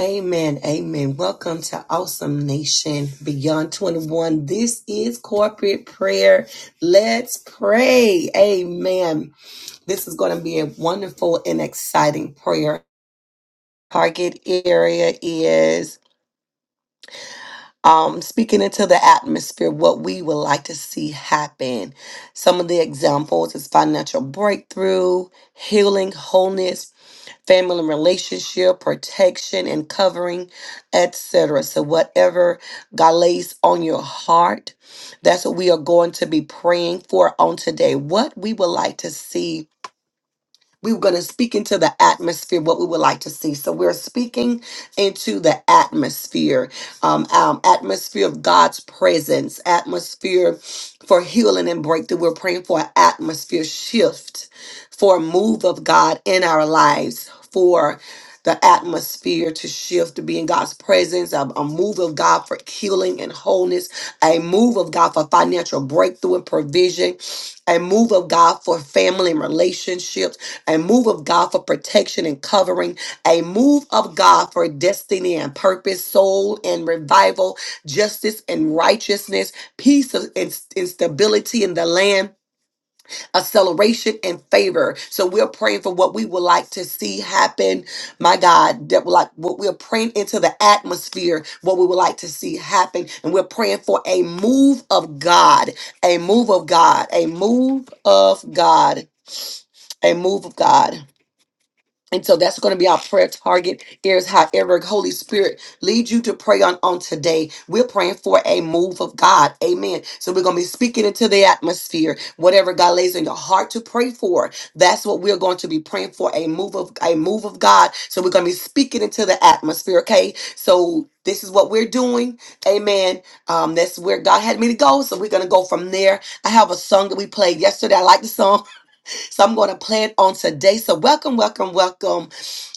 Amen. Amen. Welcome to Awesome Nation Beyond 21. This is corporate prayer. Let's pray. Amen. This is going to be a wonderful and exciting prayer. Target area is um, speaking into the atmosphere, what we would like to see happen. Some of the examples is financial breakthrough, healing, wholeness, family and relationship, protection and covering, etc. So whatever God lays on your heart, that's what we are going to be praying for on today. What we would like to see we were going to speak into the atmosphere what we would like to see. So we're speaking into the atmosphere, um, um, atmosphere of God's presence, atmosphere for healing and breakthrough. We're praying for an atmosphere shift, for a move of God in our lives, for the atmosphere to shift to be in God's presence, a, a move of God for healing and wholeness, a move of God for financial breakthrough and provision, a move of God for family and relationships a move of God for protection and covering, a move of God for destiny and purpose, soul and revival, justice and righteousness, peace and and stability in the land, acceleration and favor. So we're praying for what we would like to see happen, my God, that we like what we're praying into the atmosphere, what we would like to see happen, and we're praying for a move of God, a move of God, a move of God, a move of God. And so that's going to be our prayer target is however Holy Spirit leads you to pray on on today. We're praying for a move of God. Amen. So we're going to be speaking into the atmosphere. Whatever God lays in your heart to pray for, that's what we're going to be praying for a move of a move of God. So we're going to be speaking into the atmosphere, okay? So this is what we're doing. Amen. Um, that's where God had me to go. So we're going to go from there. I have a song that we played yesterday. I like the song. So I'm going to play it on today. So welcome, welcome, welcome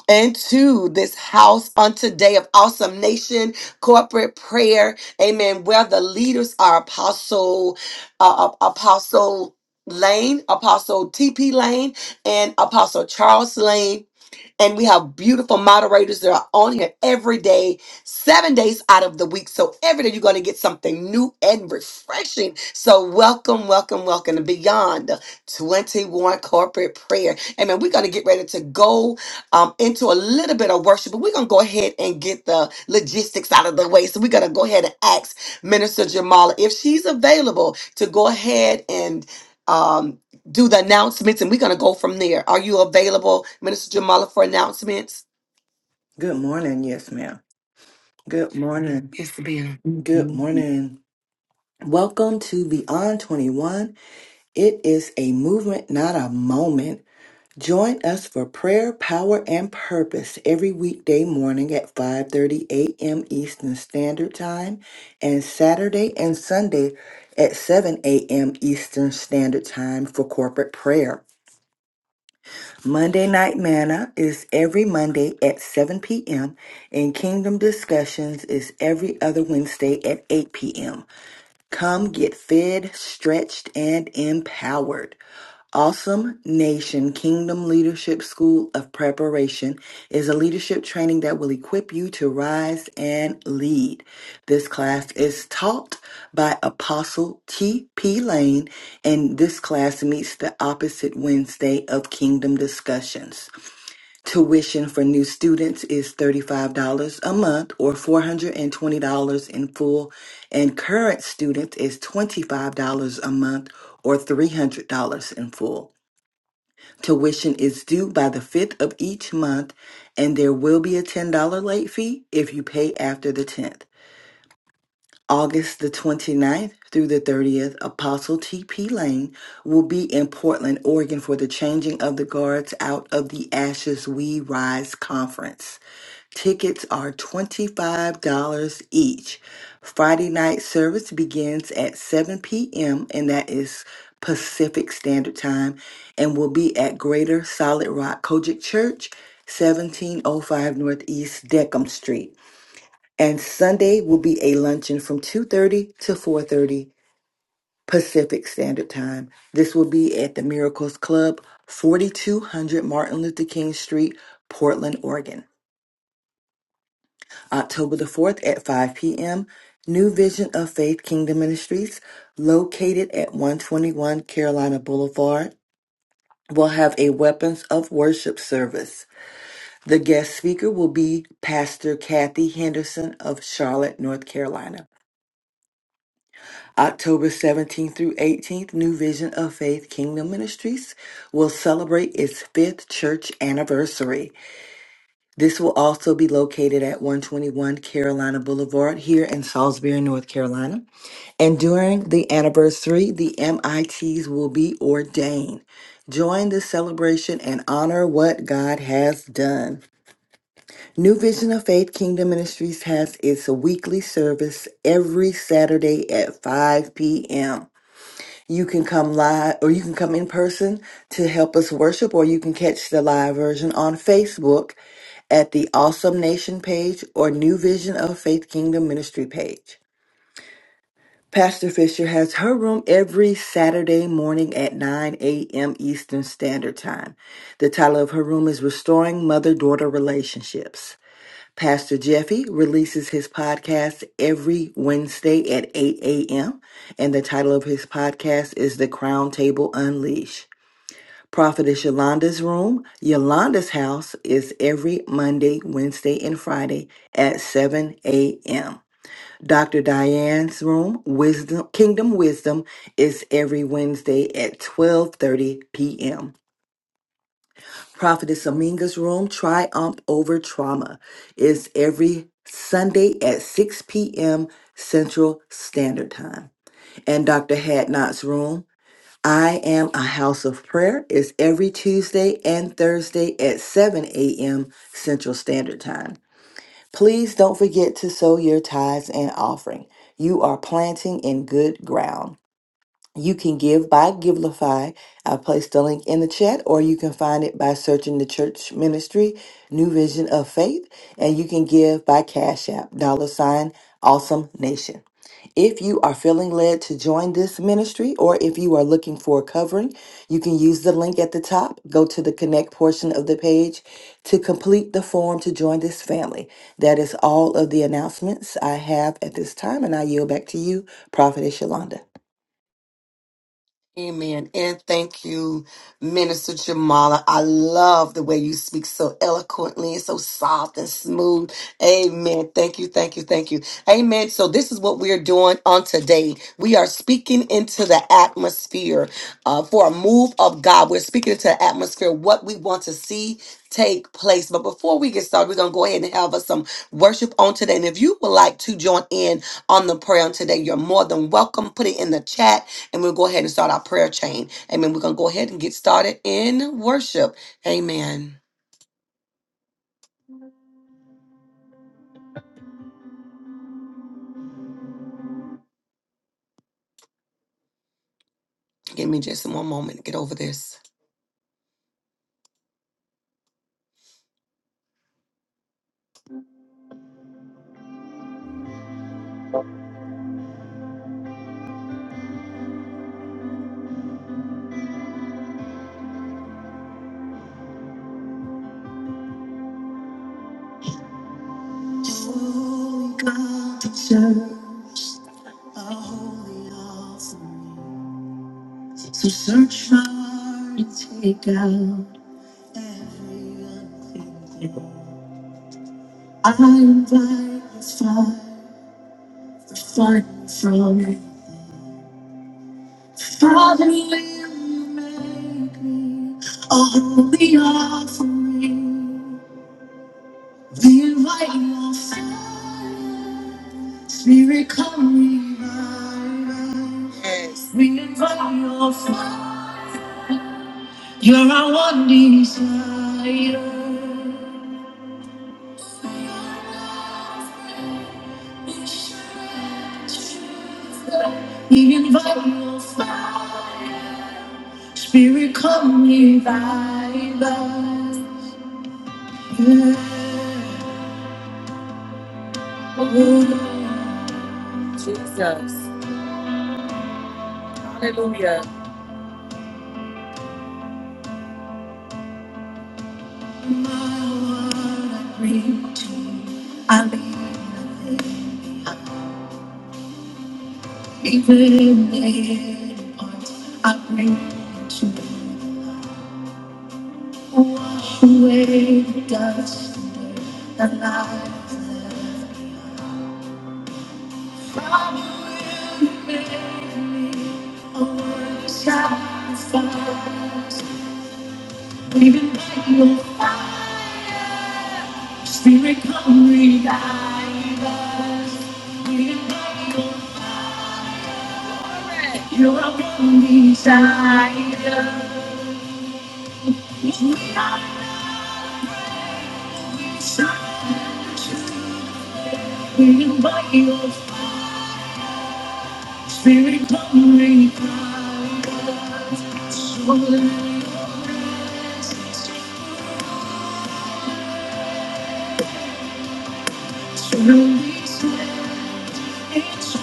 into this house on today of awesome nation corporate prayer amen where the leaders are apostle uh, uh, apostle lane apostle tp lane and apostle charles lane and we have beautiful moderators that are on here every day, seven days out of the week. So every day you're going to get something new and refreshing. So welcome, welcome, welcome to Beyond the 21 Corporate Prayer. Amen. We're going to get ready to go um, into a little bit of worship, but we're going to go ahead and get the logistics out of the way. So we're going to go ahead and ask Minister Jamala if she's available to go ahead and. Um, do the announcements and we're going to go from there. Are you available, Minister Jamala, for announcements? Good morning. Yes, ma'am. Good morning. Good morning. Welcome to Beyond 21. It is a movement, not a moment. Join us for prayer, power, and purpose every weekday morning at 5:30 a.m. Eastern Standard Time and Saturday and Sunday at 7 a.m. Eastern Standard Time for corporate prayer. Monday Night Manna is every Monday at 7 p.m., and Kingdom Discussions is every other Wednesday at 8 p.m. Come get fed, stretched, and empowered. Awesome Nation Kingdom Leadership School of Preparation is a leadership training that will equip you to rise and lead. This class is taught by Apostle T.P. Lane, and this class meets the opposite Wednesday of Kingdom Discussions. Tuition for new students is $35 a month or $420 in full, and current students is $25 a month or $300 in full. Tuition is due by the 5th of each month, and there will be a $10 late fee if you pay after the 10th. August the twenty ninth through the 30th, Apostle T.P. Lane will be in Portland, Oregon for the Changing of the Guards Out of the Ashes We Rise Conference. Tickets are $25 each. Friday night service begins at 7 p.m., and that is Pacific Standard Time, and will be at Greater Solid Rock Kojic Church, 1705 Northeast Deckham Street. And Sunday will be a luncheon from 2:30 to 4:30 Pacific Standard Time. This will be at the Miracles Club, 4200 Martin Luther King Street, Portland, Oregon. October the 4th at 5 p.m. New Vision of Faith Kingdom Ministries, located at 121 Carolina Boulevard, will have a Weapons of Worship service. The guest speaker will be Pastor Kathy Henderson of Charlotte, North Carolina. October 17th through 18th, New Vision of Faith Kingdom Ministries will celebrate its fifth church anniversary. This will also be located at 121 Carolina Boulevard here in Salisbury, North Carolina. And during the anniversary, the MITs will be ordained. Join the celebration and honor what God has done. New Vision of Faith Kingdom Ministries has its weekly service every Saturday at 5 p.m. You can come live or you can come in person to help us worship, or you can catch the live version on Facebook at the Awesome Nation page or New Vision of Faith Kingdom Ministry page. Pastor Fisher has her room every Saturday morning at 9 a.m. Eastern Standard Time. The title of her room is Restoring Mother Daughter Relationships. Pastor Jeffy releases his podcast every Wednesday at 8 a.m., and the title of his podcast is The Crown Table Unleash. Prophetess Yolanda's room, Yolanda's house, is every Monday, Wednesday, and Friday at 7 a.m. Dr. Diane's room, Wisdom Kingdom Wisdom, is every Wednesday at 12:30 p.m. Prophetess Aminga's room, Triumph Over Trauma, is every Sunday at 6 p.m. Central Standard Time. And Dr. Hadnot's room, I Am a House of Prayer, is every Tuesday and Thursday at 7 a.m. Central Standard Time. Please don't forget to sow your tithes and offering. You are planting in good ground. You can give by Givelify. I placed the link in the chat, or you can find it by searching the church ministry, New Vision of Faith, and you can give by Cash App, dollar sign, awesome nation. If you are feeling led to join this ministry, or if you are looking for a covering, you can use the link at the top. Go to the connect portion of the page to complete the form to join this family. That is all of the announcements I have at this time, and I yield back to you, Prophetess Yolanda. Amen. And thank you, Minister Jamala. I love the way you speak so eloquently, so soft and smooth. Amen. Thank you, thank you, thank you. Amen. So, this is what we are doing on today. We are speaking into the atmosphere uh, for a move of God. We're speaking into the atmosphere, what we want to see take place. But before we get started, we're going to go ahead and have us some worship on today. And if you would like to join in on the prayer on today, you're more than welcome. Put it in the chat and we'll go ahead and start our prayer chain. Amen. We're going to go ahead and get started in worship. Amen. Give me just one moment to get over this. Picture a holy offering. So search my heart and take out every un- I invite the fire, the fire from Father, will you make me a holy offering? We invite your fire. Spirit, come revive. We invite your fire. You're our one desire. We invite your fire. Spirit, come revive us. Yeah. Oh, Jesus. My heart I bring to you. I lean Even when I bring to wash away the dust and lies left. I will make me a worthy sacrifice, breathing by your fire, spirit come revive us, breathing by your, fire, you're our one desire. Feeling by your Spirit of me, power, soul, truly it's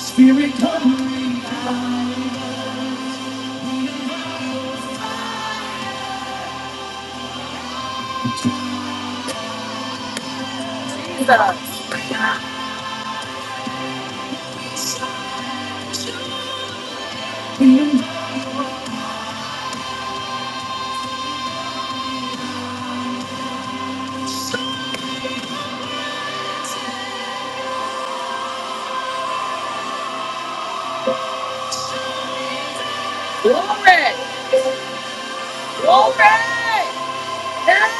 Spirit of me, Feeling Glory! Glory! Yes!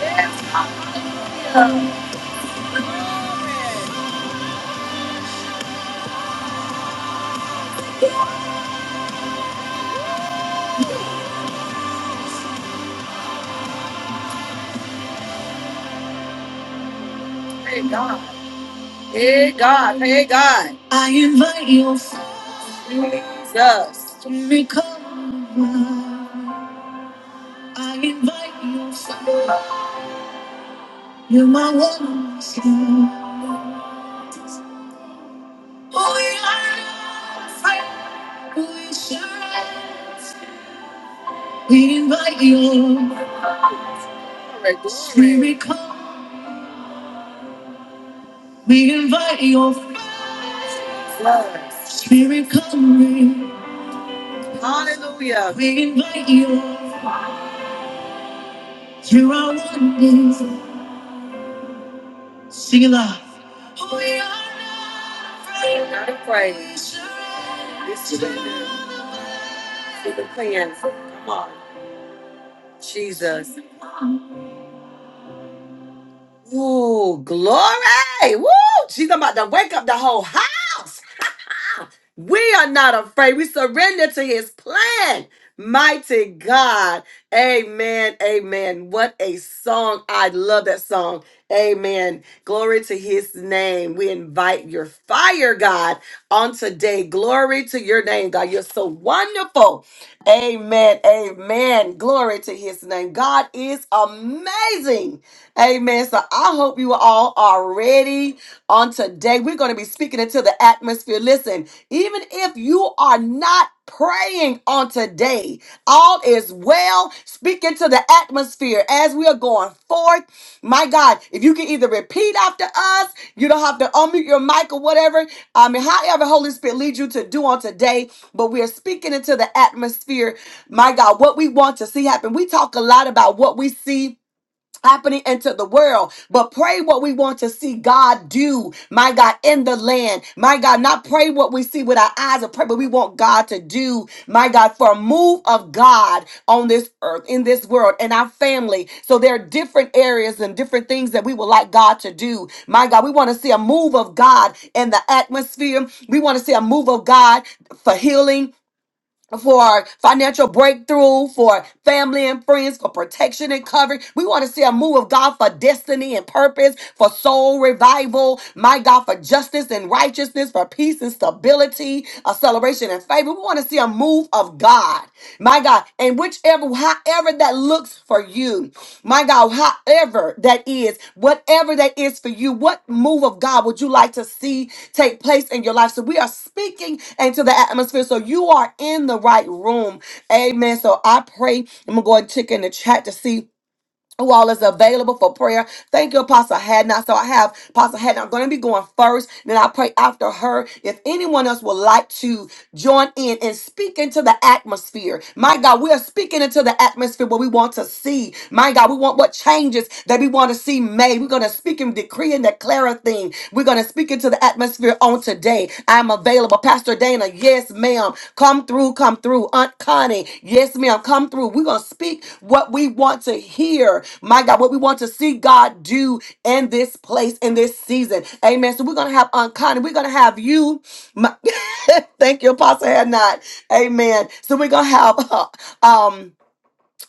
Yes, glory! Hey God. Hey God. Hey God. I invite your Jesus, to me come. over. I invite your Father. You're my one. Oh, yeah. We surrender. We invite you. Glory, Spirit come. We invite your Spirit come. Hallelujah. We invite you through our wonders. Sing aloud. We are not afraid. Not afraid. We surrender. We surrender to the plans of Jesus. Ooh, glory. Woo! She's about to wake up the whole house. We are not afraid. We surrender to his plan. Mighty God. Amen. Amen. What a song. I love that song. Amen. Glory to his name. We invite your fire, God, on today. Glory to your name, God. You're so wonderful. Amen. Amen. Glory to his name. God is amazing. Amen. So I hope you all are ready on today. We're going to be speaking into the atmosphere. Listen, even if you are not praying on today, all is well. Speaking to the atmosphere as we are going forth. My God, if you can either repeat after us, you don't have to unmute your mic or whatever. I mean, however, Holy Spirit leads you to do on today, but we are speaking into the atmosphere. My God, what we want to see happen. We talk a lot about what we see happening into the world. But pray what we want to see God do, my God, in the land. My God, not pray what we see with our eyes and pray, but we want God to do, my God, for a move of God on this earth, in this world, and our family. So there are different areas and different things that we would like God to do. My God, we want to see a move of God in the atmosphere. We want to see a move of God for healing for financial breakthrough, for family and friends, for protection and covering. We want to see a move of God for destiny and purpose, for soul revival, my God, for justice and righteousness, for peace and stability, a celebration and favor. We want to see a move of God, my God, and whichever, however that looks for you, my God, however that is, whatever that is for you, what move of God would you like to see? take place in your life. So we are speaking into the atmosphere. So you are in the right room. Amen. So I pray. I'm gonna go and check in the chat to see. Who all is available for prayer? Thank you, Apostle Hadnot. So I have Apostle Hadnot. I'm going to be going first. Then I pray after her. If anyone else would like to join in and speak into the atmosphere. My God, we are speaking into the atmosphere what we want to see. My God, we want what changes that we want to see made. We're going to speak and decree and declare a thing. We're going to speak into the atmosphere on today. I'm available. Pastor Dana, yes, ma'am. Come through, come through. Aunt Connie, yes, ma'am. Come through. We're going to speak what we want to hear. My God, what we want to see God do in this place, in this season. Amen. So we're going to have Aunt Connie. We're going to have you. Thank you, Apostle had not. Amen. So we're gonna have uh, um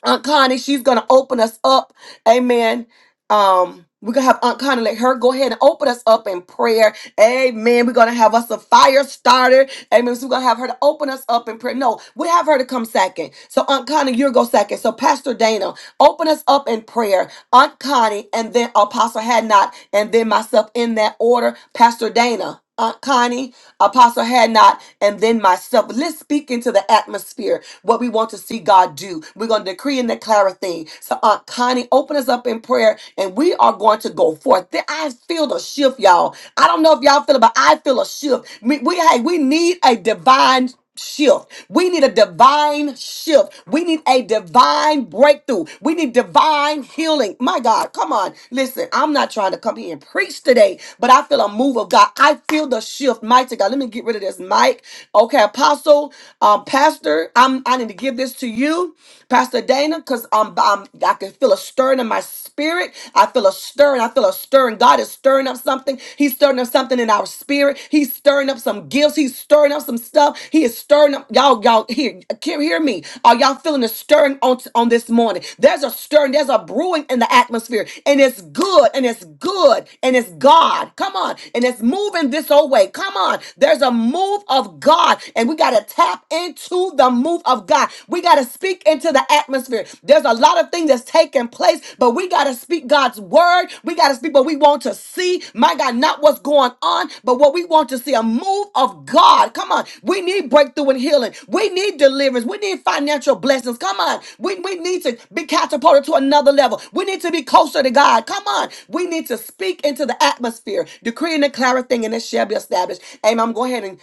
Aunt Connie. She's gonna open us up. Amen. Um, we're gonna have Aunt Connie let her go ahead and open us up in prayer. Amen. We're gonna have us a fire starter. Amen. So we're gonna have her to open us up in prayer. No, we have her to come second. So Aunt Connie, you go second. So Pastor Dana, open us up in prayer. Aunt Connie, and then Apostle had not, and then myself in that order. Pastor Dana, Aunt Connie. Apostle had not, and then myself. Let's speak into the atmosphere what we want to see God do. We're going to decree and declare a thing. So, Aunt Connie, open us up in prayer, and we are going to go forth. Th- I feel the shift, y'all. I don't know if y'all feel it, but I feel a shift. We, we, hey, we need a divine shift. We need a divine shift. We need a divine breakthrough. We need divine healing. My God, come on. Listen, I'm not trying to come here and preach today, but I feel a move of God. I feel the shift. Mighty God, let me get rid of this mic. Okay, apostle, um, pastor, I'm, I need to give this to you. Pastor Dana, because um, um, I can feel a stirring in my spirit. I feel a stirring. I feel a stirring. God is stirring up something. He's stirring up something in our spirit. He's stirring up some gifts. He's stirring up some stuff. He is stirring up. Y'all, y'all, hear, can hear me. Are y'all feeling a stirring on, on this morning? There's a stirring. There's a brewing in the atmosphere. And it's good. And it's good. And it's God. Come on. And it's moving this old way. Come on. There's a move of God. And we got to tap into to the move of God. We got to speak into the atmosphere. There's a lot of things that's taking place, but we got to speak God's word. We got to speak what we want to see. My God, not what's going on, but what we want to see a move of God. Come on. We need breakthrough and healing. We need deliverance. We need financial blessings. Come on. We, we need to be catapulted to another level. We need to be closer to God. Come on. We need to speak into the atmosphere, decree and declare a thing, and it shall be established. Amen. I'm going ahead and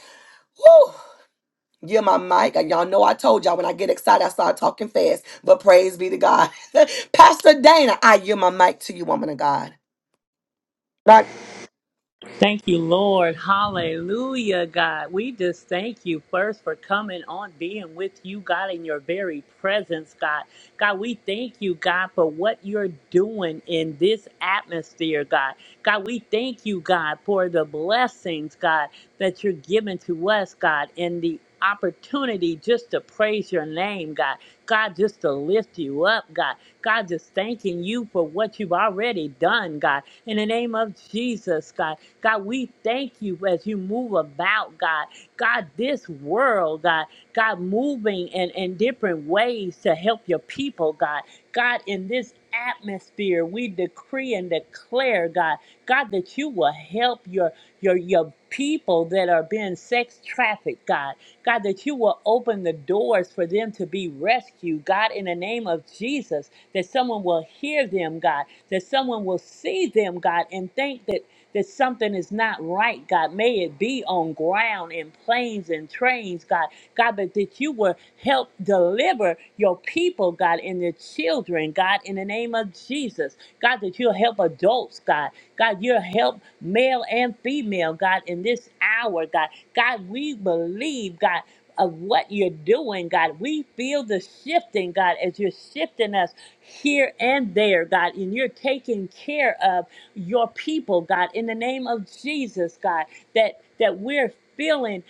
woo. Yeah, my mic. And y'all know I told y'all when I get excited, I start talking fast. But praise be to God. Pastor Dana, I yield my mic to you, woman of God. Like, Thank you, Lord. Hallelujah, God. We just thank you first for coming on, being with you, God, in your very presence, God. God, we thank you, God, for what you're doing in this atmosphere, God. God, we thank you, God, for the blessings, God, that you're giving to us, God, and the opportunity just to praise your name, God. God, just to lift you up, God. God, just thanking you for what you've already done, God. In the name of Jesus, God. God, we thank you as you move about, God. God, this world, God. God, moving and, and different ways to help your people, God. God, in this atmosphere, we decree and declare, God, God, that you will help your your your people that are being sex trafficked, God. God, that you will open the doors for them to be rescued, God, in the name of Jesus, that someone will hear them, God, that someone will see them, God, and think that that something is not right, God. May it be on ground and planes and trains, God. God, but that you will help deliver your people, God, and their children, God, in the name of Jesus. God, that you'll help adults, God. God, you'll help male and female, God, in this hour, God. God, we believe, God of what you're doing, God. We feel the shifting, God, as you're shifting us here and there, God, and you're taking care of your people, God, in the name of Jesus, God, that that we're feeling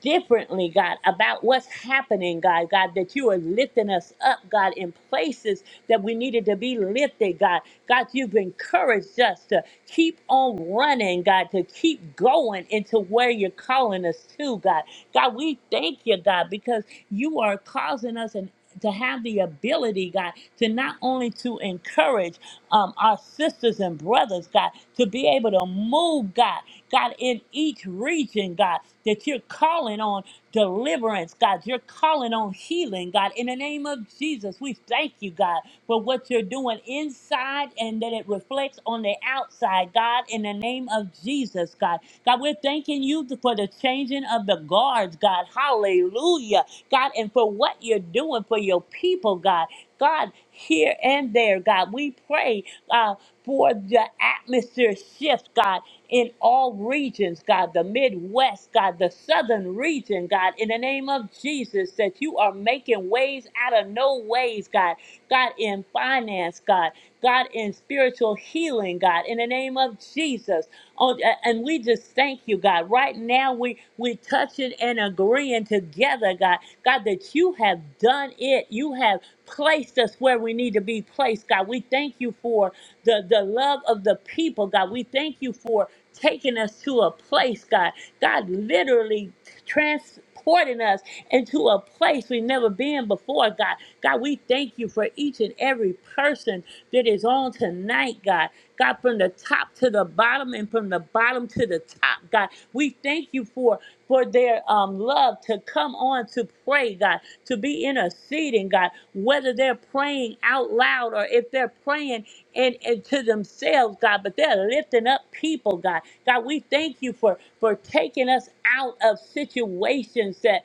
differently, God, about what's happening, God, God, that you are lifting us up, God, in places that we needed to be lifted, God. God, you've encouraged us to keep on running, God, to keep going into where you're calling us to, God. God, we thank you, God, because you are causing us an to have the ability, God, to not only to encourage um, our sisters and brothers, God, to be able to move, God, God, in each region, God, that you're calling on deliverance, God, you're calling on healing, God. In the name of Jesus, we thank you, God, for what you're doing inside and that it reflects on the outside, God, in the name of Jesus, God. God, we're thanking you for the changing of the guards, God. Hallelujah. God, and for what you're doing for your people, God. God, here and there, God, we pray uh, for the atmosphere shift, God, in all regions, God, the Midwest, God, the Southern region, God, in the name of Jesus, that you are making ways out of no ways, God, God, in finance, God, God, in spiritual healing, God, in the name of Jesus. Oh, a- and we just thank you, God. Right now, we we touching and agreeing together, God. God, that you have done it. You have placed us where we need to be placed, God. We thank you for the the love of the people, God. We thank you for taking us to a place, God. God, literally transporting us into a place we've never been before, God. God, we thank you for each and every person that is on tonight, God. God, from the top to the bottom and from the bottom to the top, God. We thank you for for their um, love to come on to pray, God, to be interceding, God, whether they're praying out loud or if they're praying and, and to themselves, God, but they're lifting up people, God. God, we thank you for for taking us out of situations that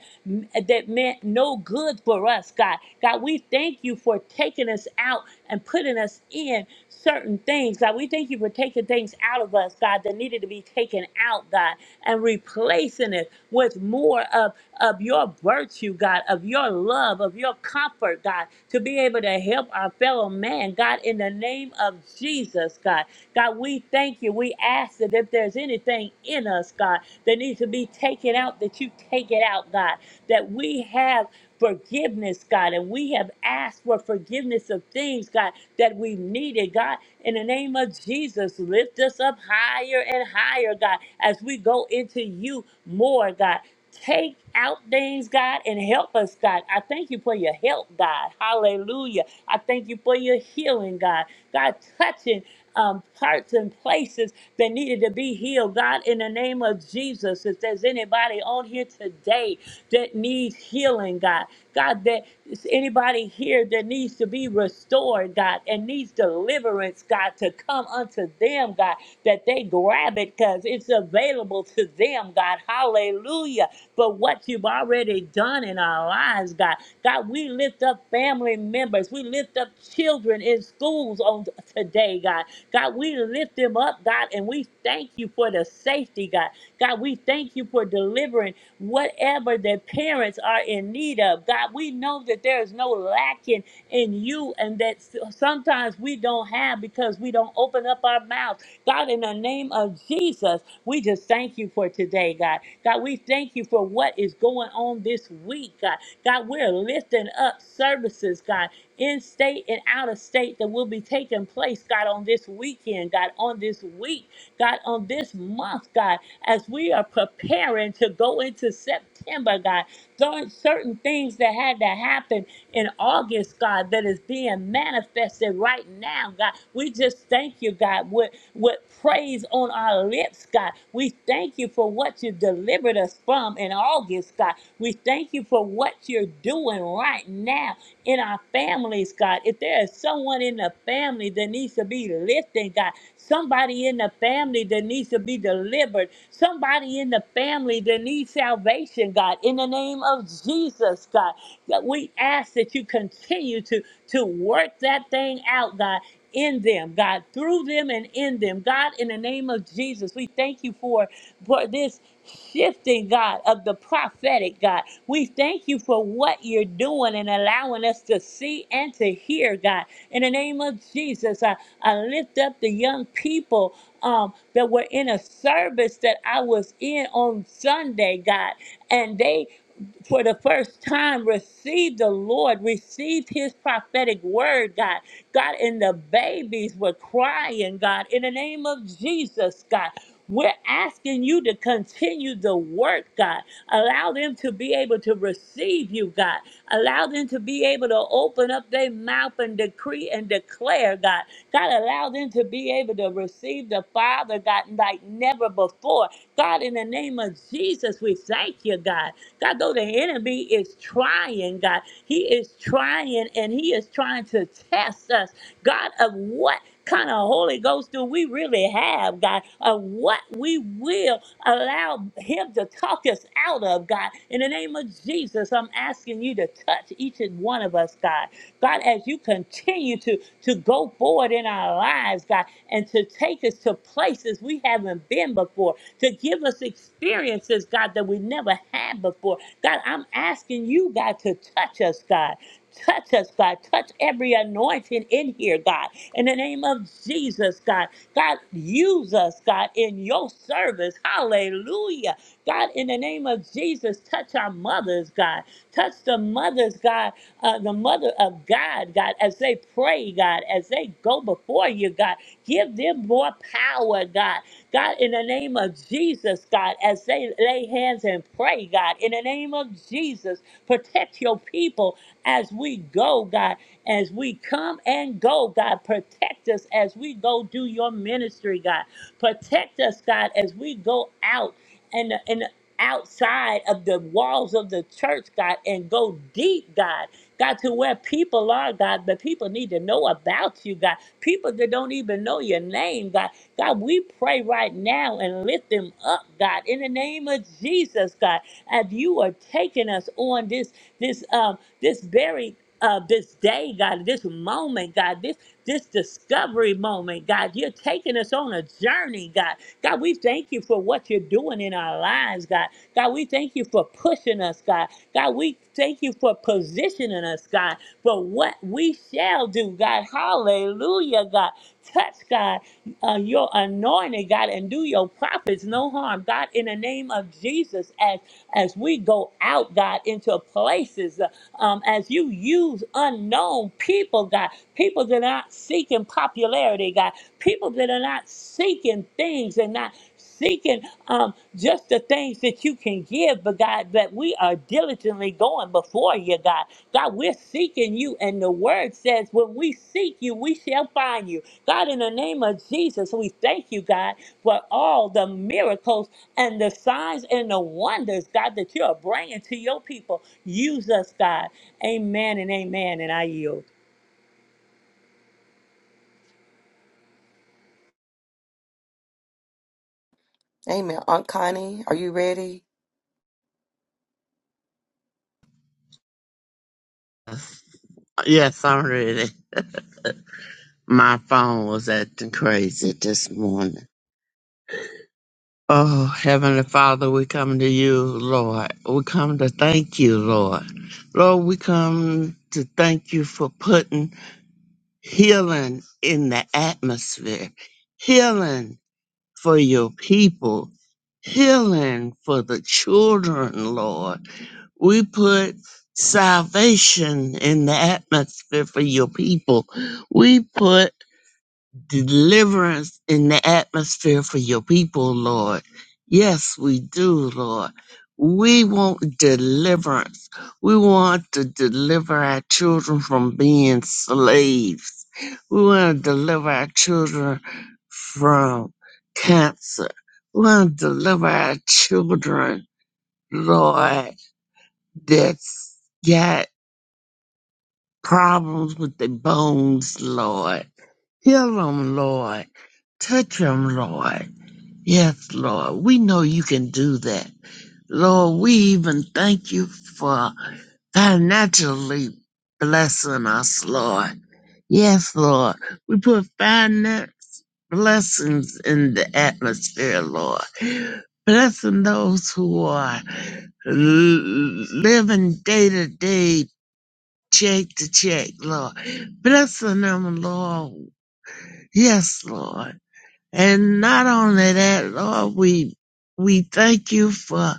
that meant no good for us, God. God, we thank you for taking us out and putting us in certain things. God, we thank you for taking things out of us, God, that needed to be taken out, God, and replacing it with more of, of your virtue, God, of your love, of your comfort, God, to be able to help our fellow man, God, in the name of Jesus, God. God, we thank you. We ask that if there's anything in us, God, that needs to be taken out, that you take it out, God, that we have forgiveness, God. And we have asked for forgiveness of things, God, that we needed, God. In the name of Jesus, lift us up higher and higher, God, as we go into you more, God. Take out things, God, and help us, God. I thank you for your help, God. Hallelujah. I thank you for your healing, God. God, touching um, parts and places that needed to be healed. God, in the name of Jesus, if there's anybody on here today that needs healing, God, God, that is anybody here that needs to be restored, God, and needs deliverance, God, to come unto them, God, that they grab it because it's available to them, God. Hallelujah. But what you've already done in our lives, God, God, we lift up family members. We lift up children in schools on today, God. God, we lift them up, God, and we thank you for the safety, God. God, we thank you for delivering whatever their parents are in need of. God, we know that there is no lacking in you and that sometimes we don't have because we don't open up our mouth. God, in the name of Jesus, we just thank you for today, God. God, we thank you for what is going on this week, God. God, we're lifting up services, God, in state and out of state that will be taking place, God, on this weekend, God, on this week. God, on this month, God, as we are preparing to go into September, God, there are certain things that had to happen in August, God, that is being manifested right now, God. We just thank you, God, with, with praise on our lips, God. We thank you for what you delivered us from in August, God. We thank you for what you're you're doing right now in our families, God. If there is someone in the family that needs to be lifted, God, somebody in the family that needs to be delivered, somebody in the family that needs salvation, God, in the name of Jesus, God, that we ask that you continue to, to work that thing out, God. In them, God, through them and in them, God, in the name of Jesus, we thank you for for this shifting, God, of the prophetic, God. We thank you for what you're doing and allowing us to see and to hear, God. In the name of Jesus, I, I lift up the young people um, that were in a service that I was in on Sunday, God, and they for the first time received the Lord, received his prophetic word, God. God, and the babies were crying, God, in the name of Jesus, God. We're asking you to continue the work, God. Allow them to be able to receive you, God. Allow them to be able to open up their mouth and decree and declare, God. God, allow them to be able to receive the Father, God, like never before. God, in the name of Jesus, we thank you, God. God, though the enemy is trying, God, he is trying and he is trying to test us, God, of what kind of Holy Ghost do we really have, God, of what we will Allow him to talk us out of, God. In the name of Jesus, I'm asking you to touch each and one of us, God. God, as you continue to, to go forward in our lives, God, and to take us to places we haven't been before, to give us experiences, God, that we never had before. God, I'm asking you, God, to touch us, God. Touch us, God. Touch every anointing in here, God. In the name of Jesus, God. God, use us, God, in your service. Hallelujah. God, in the name of Jesus, touch our mothers, God. Touch the mothers, God, uh, the mother of God, God, as they pray, God, as they go before you, God. Give them more power, God. God, in the name of Jesus, God, as they lay hands and pray, God, in the name of Jesus, protect your people as we go, God, as we come and go, God. Protect us as we go do your ministry, God. Protect us, God, as we go out and, and outside of the walls of the church, God, and go deep, God. God, to where people are, God, but people need to know about you, God. People that don't even know your name, God. God, we pray right now and lift them up, God, in the name of Jesus, God. As you are taking us on this this um, this very uh, this day, God, this moment, God, this this discovery moment, God, you're taking us on a journey, God. God, we thank you for what you're doing in our lives, God. God, we thank you for pushing us, God. God, we thank you for positioning us, God, for what we shall do, God. Hallelujah, God. Touch, God, uh, your anointing, God, and do your prophets no harm, God. In the name of Jesus, as as we go out, God, into places. uh, um, as you use unknown people, God, people that are not seeking popularity, God, people that are not seeking things and not seeking um, just the things that you can give, but God, that we are diligently going before you, God. God, we're seeking you, and the word says, when we seek you, we shall find you. God, in the name of Jesus, we thank you, God, for all the miracles and the signs and the wonders, God, that you're bringing to your people. Use us, God. Amen and amen. And I yield. Amen. Aunt Connie, are you ready? Yes, I'm ready. My phone was acting crazy this morning. Oh, Heavenly Father, we come to you, Lord. We come to thank you, Lord. Lord, we come to thank you for putting healing in the atmosphere, healing for your people, healing for the children, Lord. We put salvation in the atmosphere for your people. We put deliverance in the atmosphere for your people, Lord. Yes, we do, Lord. We want deliverance. We want to deliver our children from being slaves. We want to deliver our children from cancer. We want to deliver our children, Lord, that's got problems with their bones, Lord. Heal them, Lord. Touch them, Lord Yes, Lord, we know you can do that. Lord, we even thank you for financially blessing us, Lord. Yes, Lord, we put finance blessings in the atmosphere, Lord. Blessing those who are l- living day to day, check to check, Lord. Blessing them, Lord. Yes, Lord. And not only that, Lord, we we thank you for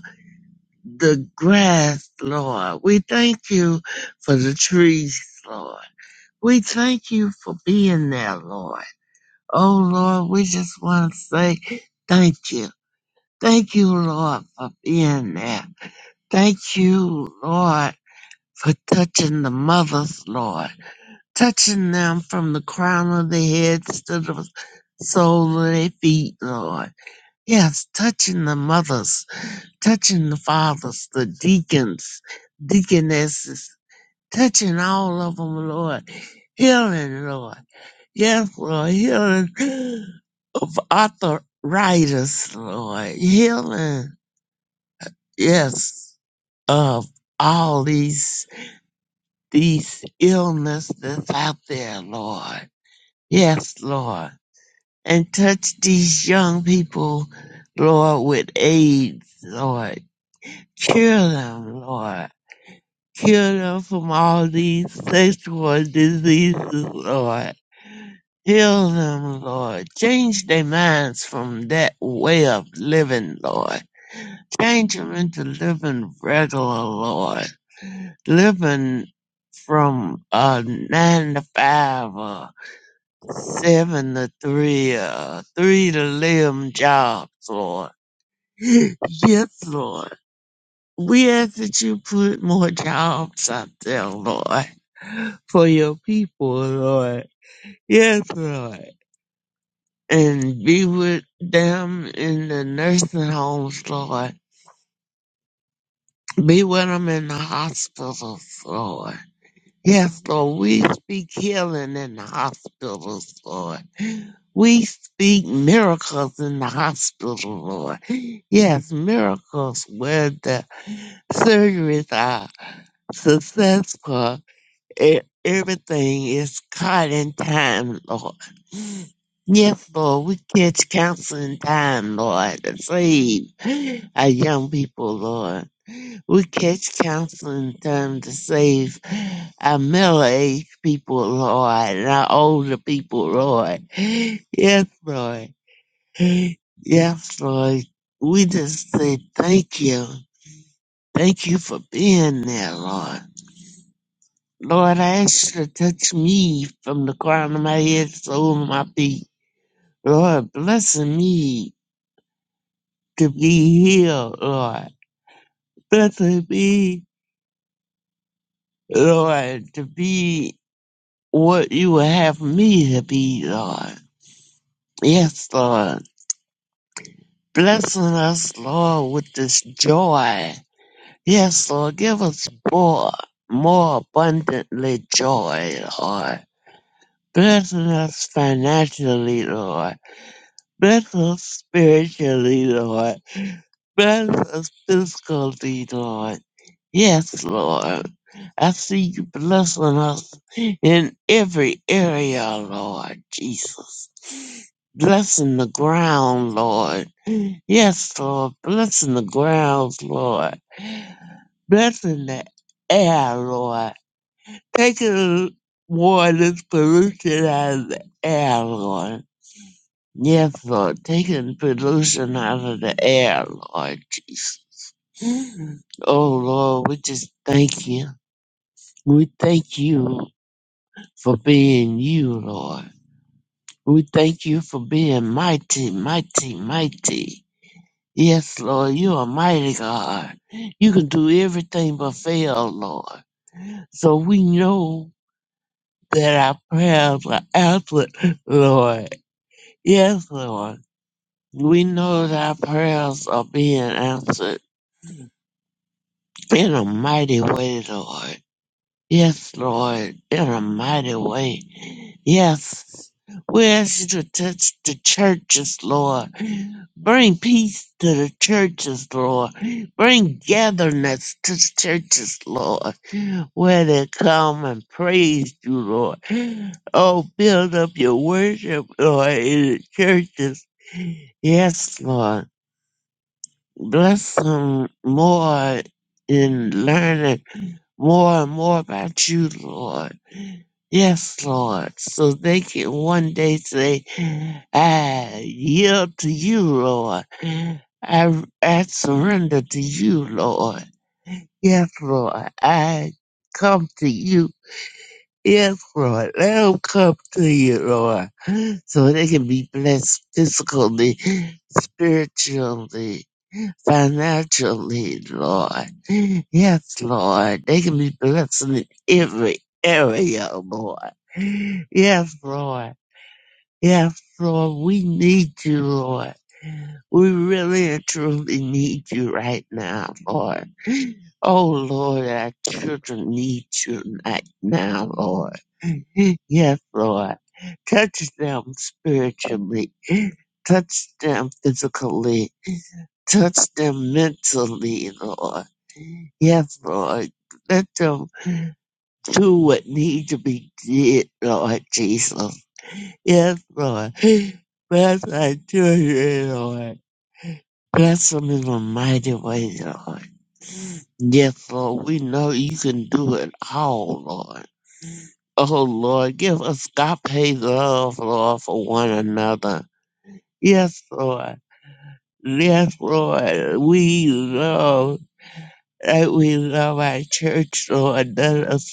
the grass, Lord. We thank you for the trees, Lord. We thank you for being there, Lord. Oh Lord, we just want to say thank you. Thank you, Lord, for being there. Thank you, Lord, for touching the mothers, Lord. Touching them from the crown of their heads to the sole of their feet, Lord Yes, touching the mothers, touching the fathers, the deacons, deaconesses, touching all of them, Lord. Healing, Lord. Yes, Lord. Healing of arthritis, Lord. Healing, yes, of all these, these illness that's out there, Lord. Yes, Lord. And touch these young people, Lord, with AIDS, Lord Cure them, Lord. Cure them from all these sexual diseases, Lord. Heal them, Lord. Change their minds from that way of living, Lord. Change them into living regular, Lord. Living from uh, 9 to 5 or 7 to 3 or 3 to 11 jobs, Lord. Yes, Lord. We ask that you put more jobs out there, Lord, for your people, Lord. Yes, Lord. And be with them in the nursing homes, Lord. Be with them in the hospitals, Lord. Yes, Lord. We speak healing in the hospitals, Lord. We speak miracles in the hospital, Lord. Yes, miracles where the surgeries are successful E- everything is caught in time, Lord. Yes, Lord, we catch counsel in time, Lord, to save our young people, Lord. We catch counsel in time to save our middle-aged people, Lord, and our older people, Lord. Yes, Lord. Yes, Lord. We just say thank you. Thank you for being there, Lord. Lord, I ask you to touch me from the crown of my head to the sole of my feet. Lord, bless me to be healed, Lord. bless me, Lord, to be what you would have me to be, Lord. Yes, Lord. Blessing us, Lord, with this joy. Yes, Lord, give us more, more abundantly joy, Lord. Blessing us financially, Lord Bless us spiritually, Lord. Bless us physically, Lord. Yes, Lord. I see you blessing us in every area, Lord Jesus. Blessing the ground, Lord. Yes, Lord. Blessing the grounds, Lord. Blessing the air, Lord. Taking the water's pollution out of the air, Lord Therefore, taking pollution out of the air, Lord Jesus. Oh Lord, we just thank you. We thank you for being you, Lord. We thank you for being mighty, mighty, mighty. Yes, Lord, you are mighty God. You can do everything but fail, Lord. So we know that our prayers are answered, Lord. Yes, Lord. We know that our prayers are being answered. In a mighty way, Lord. Yes, Lord. In a mighty way. Yes. We ask you to touch the churches, Lord. Bring peace to the churches, Lord. Bring gatherness to the churches, Lord, where they come and praise you, Lord. Oh, build up your worship, Lord, in the churches. Yes, Lord. Bless them more in learning more and more about you, Lord. Yes, Lord. So they can one day say, I yield to you, Lord. I, I surrender to you, Lord. Yes, Lord. I come to you. Yes, Lord. Let them come to you, Lord. So they can be blessed physically, spiritually financial need, Lord. Yes, Lord. They can be blessed in every area, Lord. Yes, Lord. Yes, Lord. We need you, Lord. We really and truly need you right now, Lord. Oh, Lord, our children need you right now, Lord. Yes, Lord. Touch them spiritually. Touch them physically. Touch them mentally, Lord Yes, Lord. Let them do what need to be did, Lord Jesus. Yes, Lord. Bless our children, Lord. Bless them in a mighty way, Lord. Yes, Lord. We know you can do it all, Lord. Oh, Lord. Give us agape love, Lord, for one another. Yes, Lord. Yes, Lord. We love. That we love our church, Lord. Let us.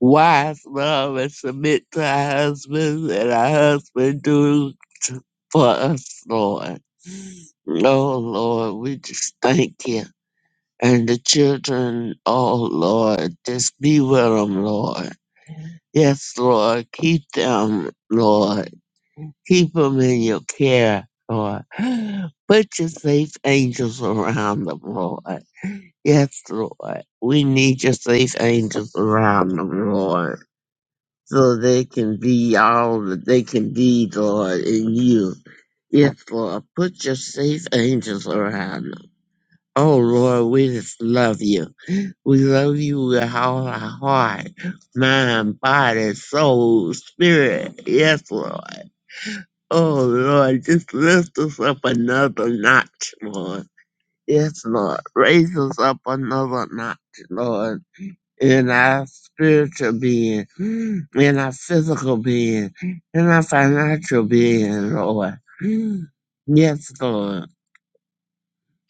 wives love and submit to our husbands, and our husband do to, for us, Lord. Oh, Lord, we just thank you. And the children, oh, Lord, just be with them, Lord. Yes, Lord, keep them, Lord. Keep them in your care, Lord. Put your safe angels around them, Lord. Yes, Lord. We need your safe angels around them, Lord. so they can be all that they can be, Lord, in you. Yes, Lord, put your safe angels around them. Oh, Lord, we just love you. We love you with all our heart, mind, body, soul, spirit. Yes, Lord. Oh, Lord, just lift us up another notch, Lord. Yes, Lord. Raise us up another notch, Lord in our spiritual being, in our physical being, in our financial being, Lord. Yes, Lord.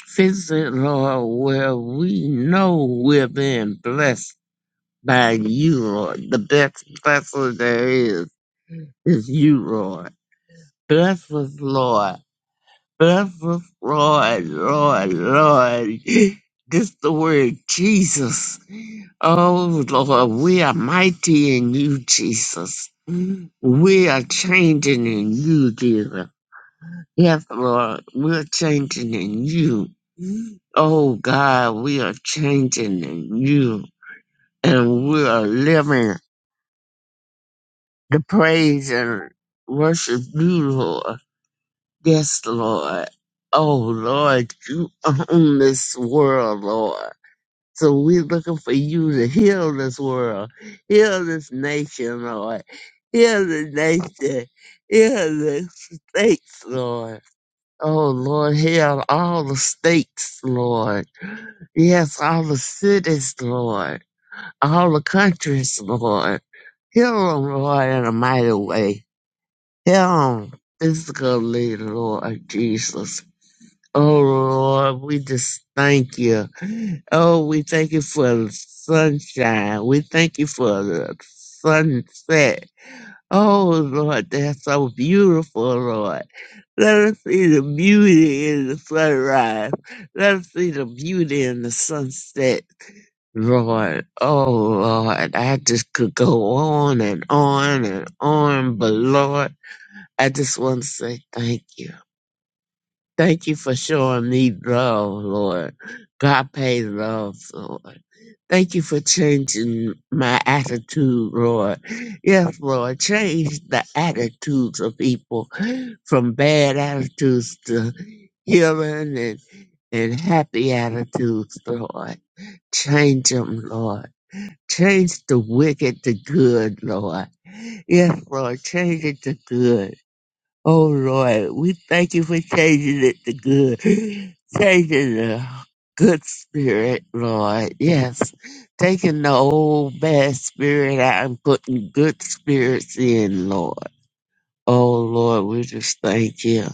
Fix it, Lord, where we know we're being blessed by you, Lord. The best blessing there is, is you, Lord. Bless us, Lord. Bless us, Lord, Lord, Lord. This the word Jesus. Oh Lord, we are mighty in you, Jesus. We are changing in you, dear. Yes, Lord, we're changing in you. Oh God, we are changing in you. And we are living the praise and worship you, Lord. Yes, Lord. Oh Lord, you own this world, Lord. So we're looking for you to heal this world, heal this nation, Lord, heal the nation, heal the states, Lord. Oh, Lord, heal all the states, Lord. Yes, all the cities, Lord, all the countries, Lord. Heal them, Lord, in a mighty way. Heal them physically, Lord Jesus. Oh Lord, we just thank you. Oh, we thank you for the sunshine. We thank you for the sunset. Oh Lord, that's so beautiful, Lord. Let us see the beauty in the sunrise. Let us see the beauty in the sunset. Lord, oh Lord, I just could go on and on and on, but Lord, I just want to say thank you. Thank you for showing me love, Lord. God pay love, Lord. Thank you for changing my attitude, Lord. Yes, Lord, change the attitudes of people from bad attitudes to healing and, and happy attitudes, Lord. Change them, Lord. Change the wicked to good, Lord. Yes, Lord, change it to good. Oh Lord, we thank you for changing it to good, changing the good spirit, Lord. Yes, taking the old bad spirit out and putting good spirits in, Lord. Oh Lord, we just thank you.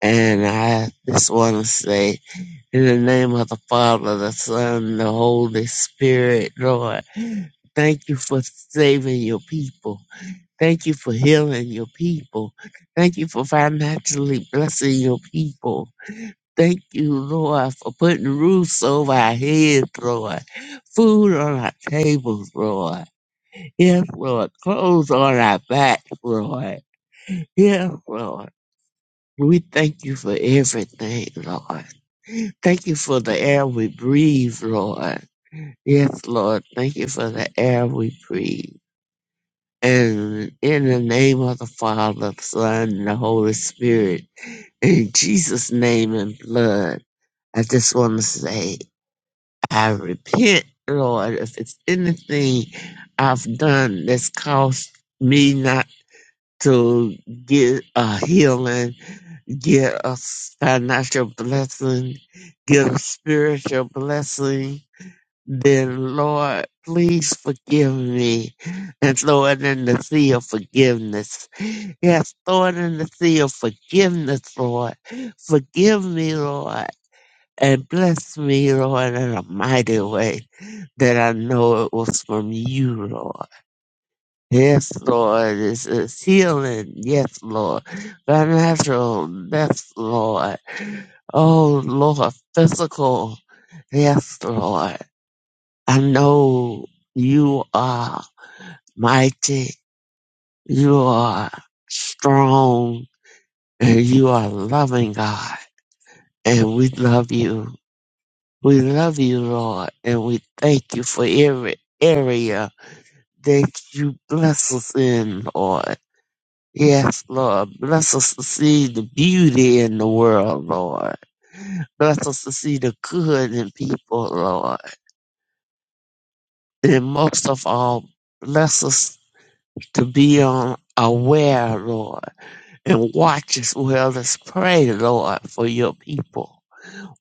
And I just want to say, in the name of the Father, the Son, the Holy Spirit, Lord, thank you for saving your people. Thank you for healing your people. Thank you for financially blessing your people. Thank you, Lord, for putting roofs over our heads, Lord. Food on our tables, Lord. Yes, Lord. Clothes on our backs, Lord. Yes, Lord. We thank you for everything, Lord. Thank you for the air we breathe, Lord. Yes, Lord. Thank you for the air we breathe. And in the name of the Father, the Son, and the Holy Spirit, in Jesus' name and blood, I just want to say, I repent, Lord, if it's anything I've done that's caused me not to get a healing, get a financial blessing, get a spiritual blessing. Dear Lord, please forgive me and throw it in the sea of forgiveness. Yes, throw it in the sea of forgiveness, Lord. Forgive me, Lord, and bless me, Lord, in a mighty way that I know it was from you, Lord. Yes, Lord, this is healing. Yes, Lord. Financial. Yes, Lord. Oh, Lord, physical. Yes, Lord. I know you are mighty, you are strong, and you are loving God. And we love you. We love you, Lord, and we thank you for every area that you bless us in, Lord. Yes, Lord. Bless us to see the beauty in the world, Lord. Bless us to see the good in people, Lord. And most of all, bless us to be on aware, Lord and watch as well as pray, Lord, for your people.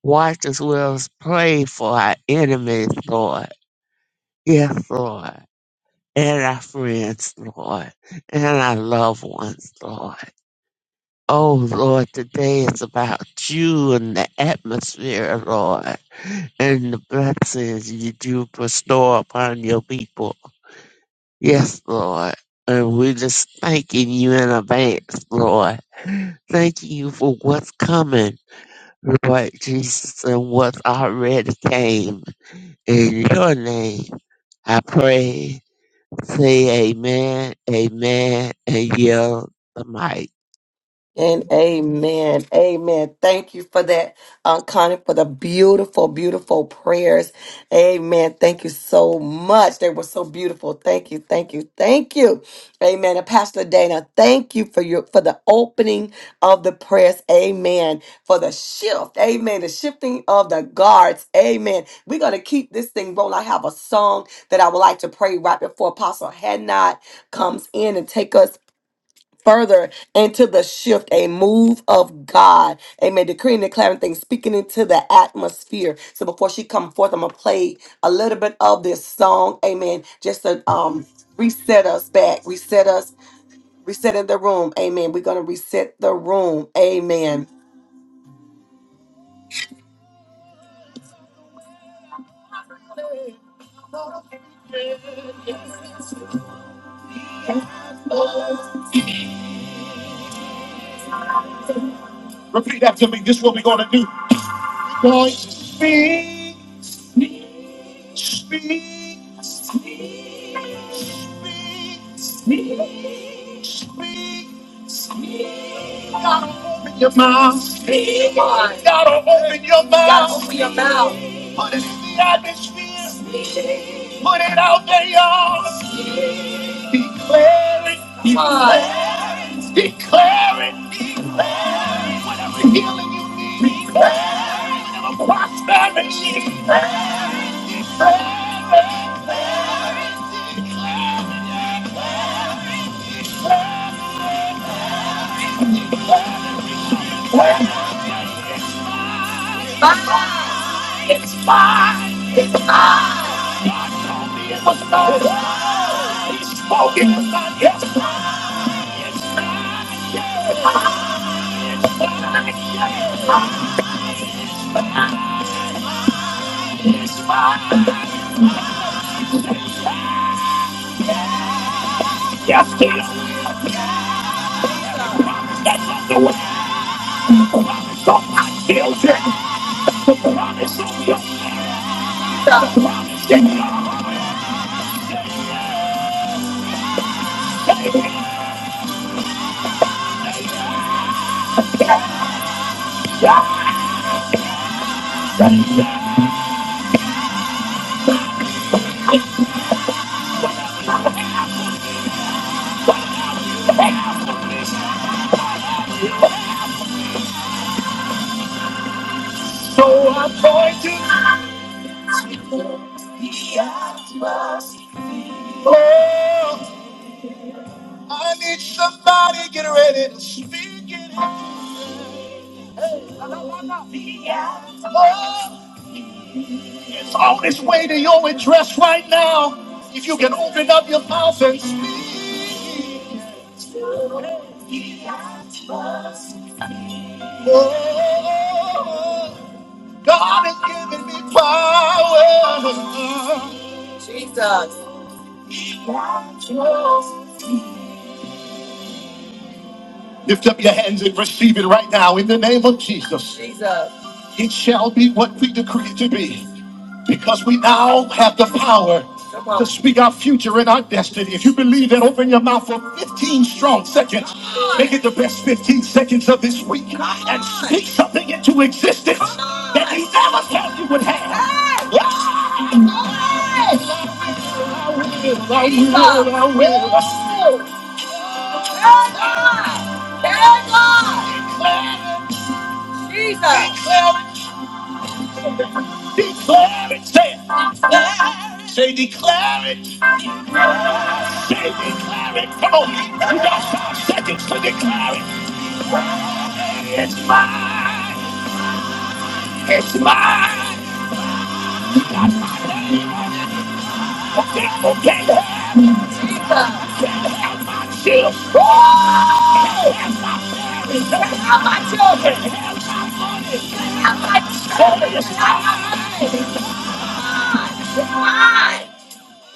Watch as well as pray for our enemies, Lord. Yes, Lord. And our friends, Lord. And our loved ones, Lord. Oh, Lord, today is about you and the atmosphere, Lord, and the blessings you do bestow upon your people. Yes, Lord. And we're just thanking you in advance, Lord. Thank you for what's coming Lord Jesus, and what already came. In your name, I pray, say amen, amen, and yield the mic. And amen. Amen. Thank you for that, uh, Connie, for the beautiful, beautiful prayers. Amen. Thank you so much. They were so beautiful. Thank you. Thank you. Thank you. Amen. And Pastor Dana, thank you for your for the opening of the press. Amen. For the shift. Amen. The shifting of the guards. Amen. We're gonna keep this thing rolling. I have a song that I would like to pray right before Apostle Hadnot comes in and take us further into the shift, a move of God. Amen. Decreeing, declaring things, speaking into the atmosphere. So before she come forth, I'm gonna play a little bit of this song. Amen. Just to um reset us back, reset us, reset in the room. Amen. We're gonna reset the room. Amen. Repeat after me. This is what we're gonna do. Lord, speak, speak, speak. speak. your mouth. Be one. Gotta open your mouth. Gotta open your mouth. Put it in the atmosphere. Put it out there, y'all. Declare it. Come on. Declare it. It's mine. It was not mine. It's spoken. Yes, it's mine. Yes, it's the way. So I feel it. Promise of your So I'm going to. Oh, oh. It's on its way to your address right now. If you can open up your mouth and speak, oh, God has given me power. Jesus. Lift up your hands and receive it right now in the name of Jesus. Jesus. It shall be what we decree it to be because we now have the power to speak our future and our destiny. If you believe that, open your mouth for 15 strong seconds. Make it the best 15 seconds of this week and speak something into existence that you never thought you would have. Yes. Yes. I will, I will, I will. Tell God. Tell God. Declare it. Jesus. Declare it. Say it. it. Say declare it. Say declare it. Come on. You got five seconds to declare it. It's mine. It's mine. Mine.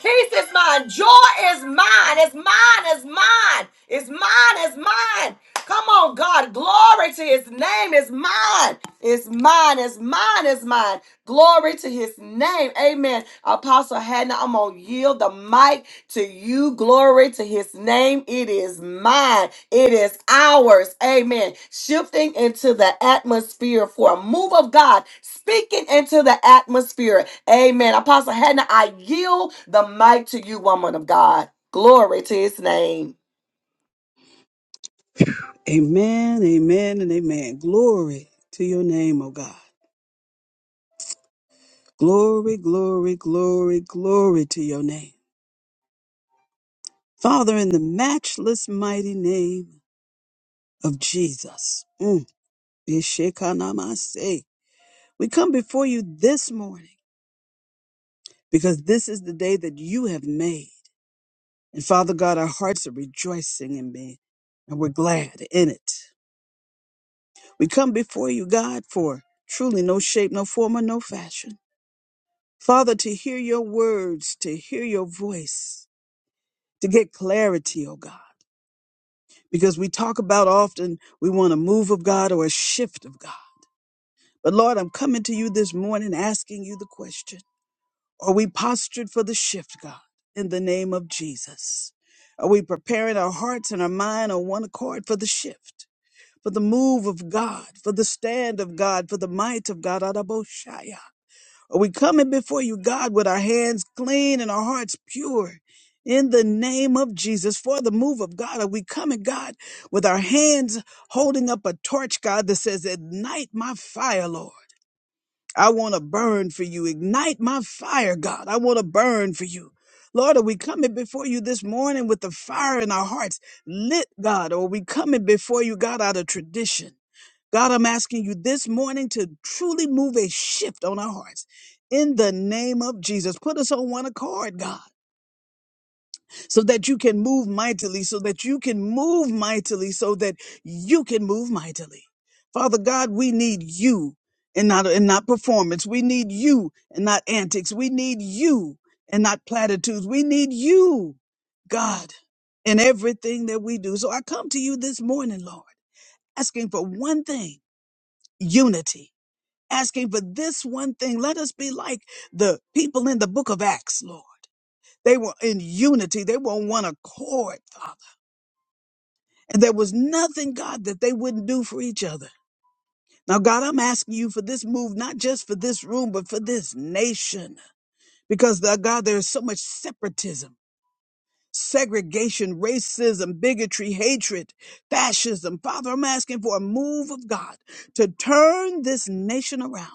Peace is mine. Joy is mine. It's mine. It's mine. It's mine. It's mine. Come on, God. Glory to his name. It's mine. It's mine. It's mine. It's mine. Glory to his name. Amen. Apostle Hannah, I'm going to yield the mic to you. Glory to his name. It is mine. It is ours. Amen. Shifting into the atmosphere for a move of God, speaking into the atmosphere. Amen. Apostle Hannah, I yield the mic to you, woman of God. Glory to his name. Amen, amen, and amen. Glory to your name, O God. Glory, glory, glory, glory to your name. Father, in the matchless mighty name of Jesus, mm, Ishekanamase, we come before you this morning because this is the day that you have made. And Father God, our hearts are rejoicing in me and we're glad in it. We come before you, God, for truly no shape, no form, or no fashion. Father, to hear your words, to hear your voice, to get clarity, oh God. Because we talk about often we want a move of God or a shift of God. But Lord, I'm coming to you this morning asking you the question Are we postured for the shift, God, in the name of Jesus? Are we preparing our hearts and our mind on one accord for the shift, for the move of God, for the stand of God, for the might of God? Adaboshaya. Are we coming before you, God, with our hands clean and our hearts pure? In the name of Jesus, for the move of God, are we coming, God, with our hands holding up a torch, God, that says, Ignite my fire, Lord. I want to burn for you. Ignite my fire, God. I want to burn for you. Lord, are we coming before you this morning with the fire in our hearts lit, God? Or are we coming before you, God, out of tradition? God, I'm asking you this morning to truly move a shift on our hearts. In the name of Jesus, put us on one accord, God so that you can move mightily, so that you can move mightily, so that you can move mightily. Father God, we need you and not, and not performance. We need you and not antics. We need you and not platitudes. We need you, God, in everything that we do. So I come to you this morning, Lord, asking for one thing, unity, asking for this one thing. Let us be like the people in the book of Acts, Lord. They were in unity. They were on one accord, Father. And there was nothing, God, that they wouldn't do for each other. Now, God, I'm asking you for this move, not just for this room, but for this nation. Because, the, God, there is so much separatism. segregation, racism, bigotry, hatred, fascism. Father, I'm asking for a move of God to turn this nation around.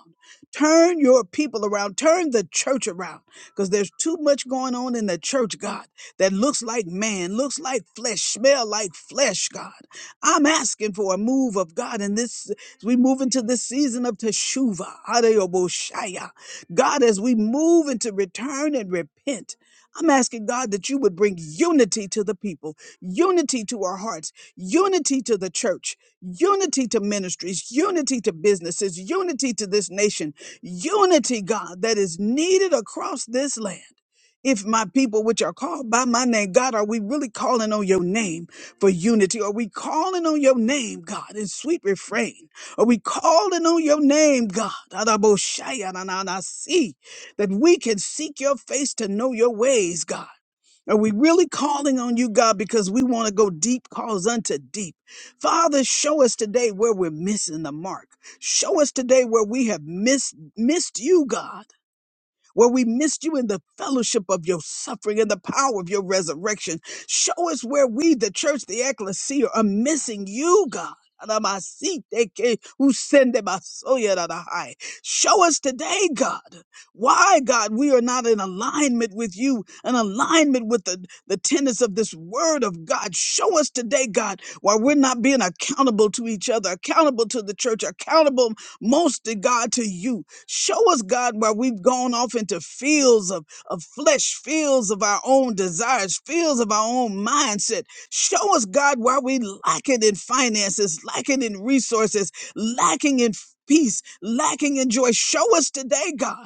Turn your people around. Turn the church around because there's too much going on in the church, God, that looks like man, looks like flesh, smell like flesh, God. I'm asking for a move of God in this, as we move into this season of Teshuvah, Adayoboshaya. God, as we move into return and repent, I'm asking God that you would bring unity to the people, unity to our hearts, unity to the church, unity to ministries, unity to businesses, unity to this nation, unity, God, that is needed across this land. If my people, which are called by my name, God, are we really calling on your name for unity? Are we calling on your name, God, in sweet refrain? Are we calling on your name, God? Adaboshaya na na na si that we can seek your face to know your ways, God. Are we really calling on you, God, because we want to go deep, calls unto deep? Father, show us today where we're missing the mark. Show us today where we have missed, missed you, God where we missed you in the fellowship of your suffering and the power of your resurrection. Show us where we, the church, the ecclesia, are missing you, God. Show us today, God, why, God, we are not in alignment with you, in alignment with the, the tenets of this word of God. Show us today, God, why we're not being accountable to each other, accountable to the church, accountable most to God, to you. Show us, God, where we've gone off into fields of, of flesh, fields of our own desires, fields of our own mindset. Show us, God, where we lack it in finances, lacking in resources, lacking in peace, lacking in joy. Show us today, God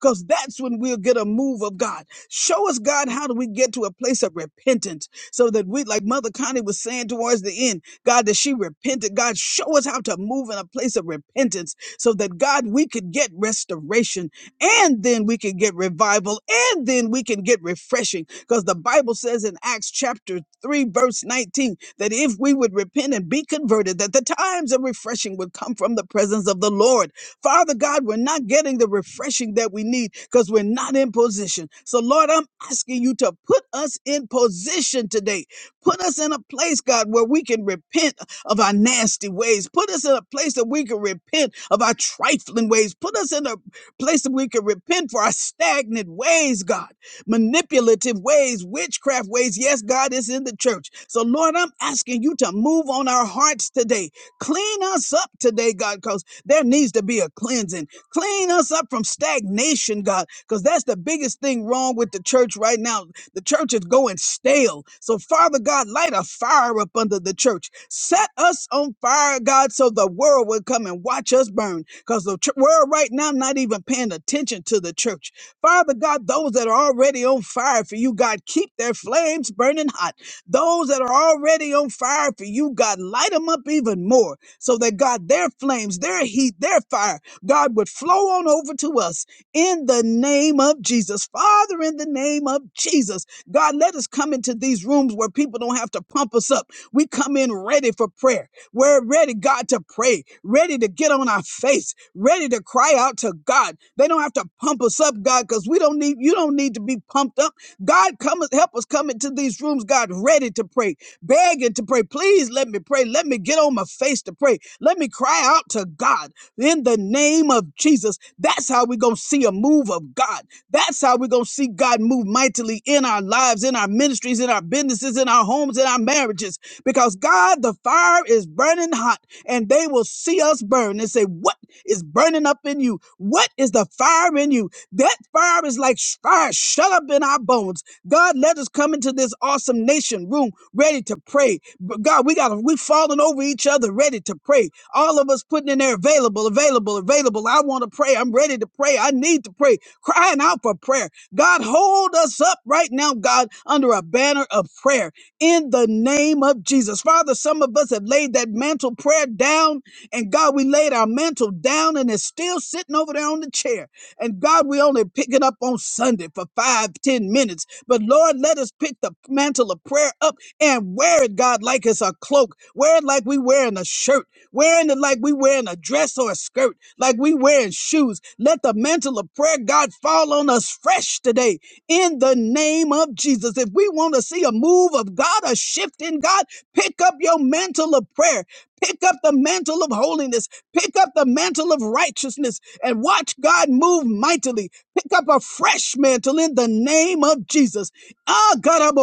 because that's when we'll get a move of God. Show us, God, how do we get to a place of repentance so that we, like Mother Connie was saying towards the end, God, that she repented. God, show us how to move in a place of repentance so that, God, we could get restoration and then we can get revival and then we can get refreshing because the Bible says in Acts chapter 3, verse 19, that if we would repent and be converted, that the times of refreshing would come from the presence of the Lord. Father God, we're not getting the refreshing that we need because we're not in position. So, Lord, I'm asking you to put us in position today. Put us in a place, God, where we can repent of our nasty ways. Put us in a place that we can repent of our trifling ways. Put us in a place that we can repent for our stagnant ways, God, manipulative ways, witchcraft ways. Yes, God is in the church. So, Lord, I'm asking you to move on our hearts today. Clean us up today, God, because there needs to be a cleansing. Clean us up from stagnation, God, because that's the biggest thing wrong with the church right now. The church is going stale. So, Father God, light a fire up under the church. Set us on fire, God, so the world will come and watch us burn. Because the ch- world right now not even paying attention to the church. Father God, those that are already on fire for you, God, keep their flames burning hot. Those that are already on fire for you, God, light them up even more so that God, their flames, their heat, their fire, God would flow on over to us in the name of Jesus. Father, in the name of Jesus, God, let us come into these rooms where people don't have to pump us up. We come in ready for prayer. We're ready, God, to pray, ready to get on our face, ready to cry out to God. They don't have to pump us up, God, because we don't need, you don't need to be pumped up. God, come and help us come into these rooms, God, ready to pray, begging to pray. Please let me pray. Let me get on my face to pray. Let me cry out to God in the name of Jesus. That's how we're going to see a move of God. That's how we're going to see God move mightily in our lives, in our ministries, in our businesses, in our homes, in our marriages. Because God, the fire is burning hot and they will see us burn and say, What is burning up in you? What is the fire in you? That fire is like sh- fire shut up in our bones. God, let us come into this awesome nation room ready to pray. But God, we got to, we falling over each other, ready to pray. All of us putting in there available, available, available. I want to pray. I'm ready to pray. I need to pray. Crying out for prayer. God, hold us up right now, God, under a banner of prayer in the name of Jesus. Father, some of us have laid that mantle prayer down, and God, we laid our mantle down and it's still sitting over there on the chair. And God, we only pick it up on Sunday for five, ten minutes. But Lord, let us pick the mantle of prayer up and wear it, God, like it's a cloak. Wear it like we wearing a shirt. Wearing it like we wearing a dress or a skirt, like we wearing shoes. Let the mantle of prayer, God, fall on us fresh today in the name of Jesus. If we want to see a move of God, a shift in God, pick up your mantle of prayer. Pick up the mantle of holiness. Pick up the mantle of righteousness and watch God move mightily. Pick up a fresh mantle in the name of Jesus. Ah, God, I'm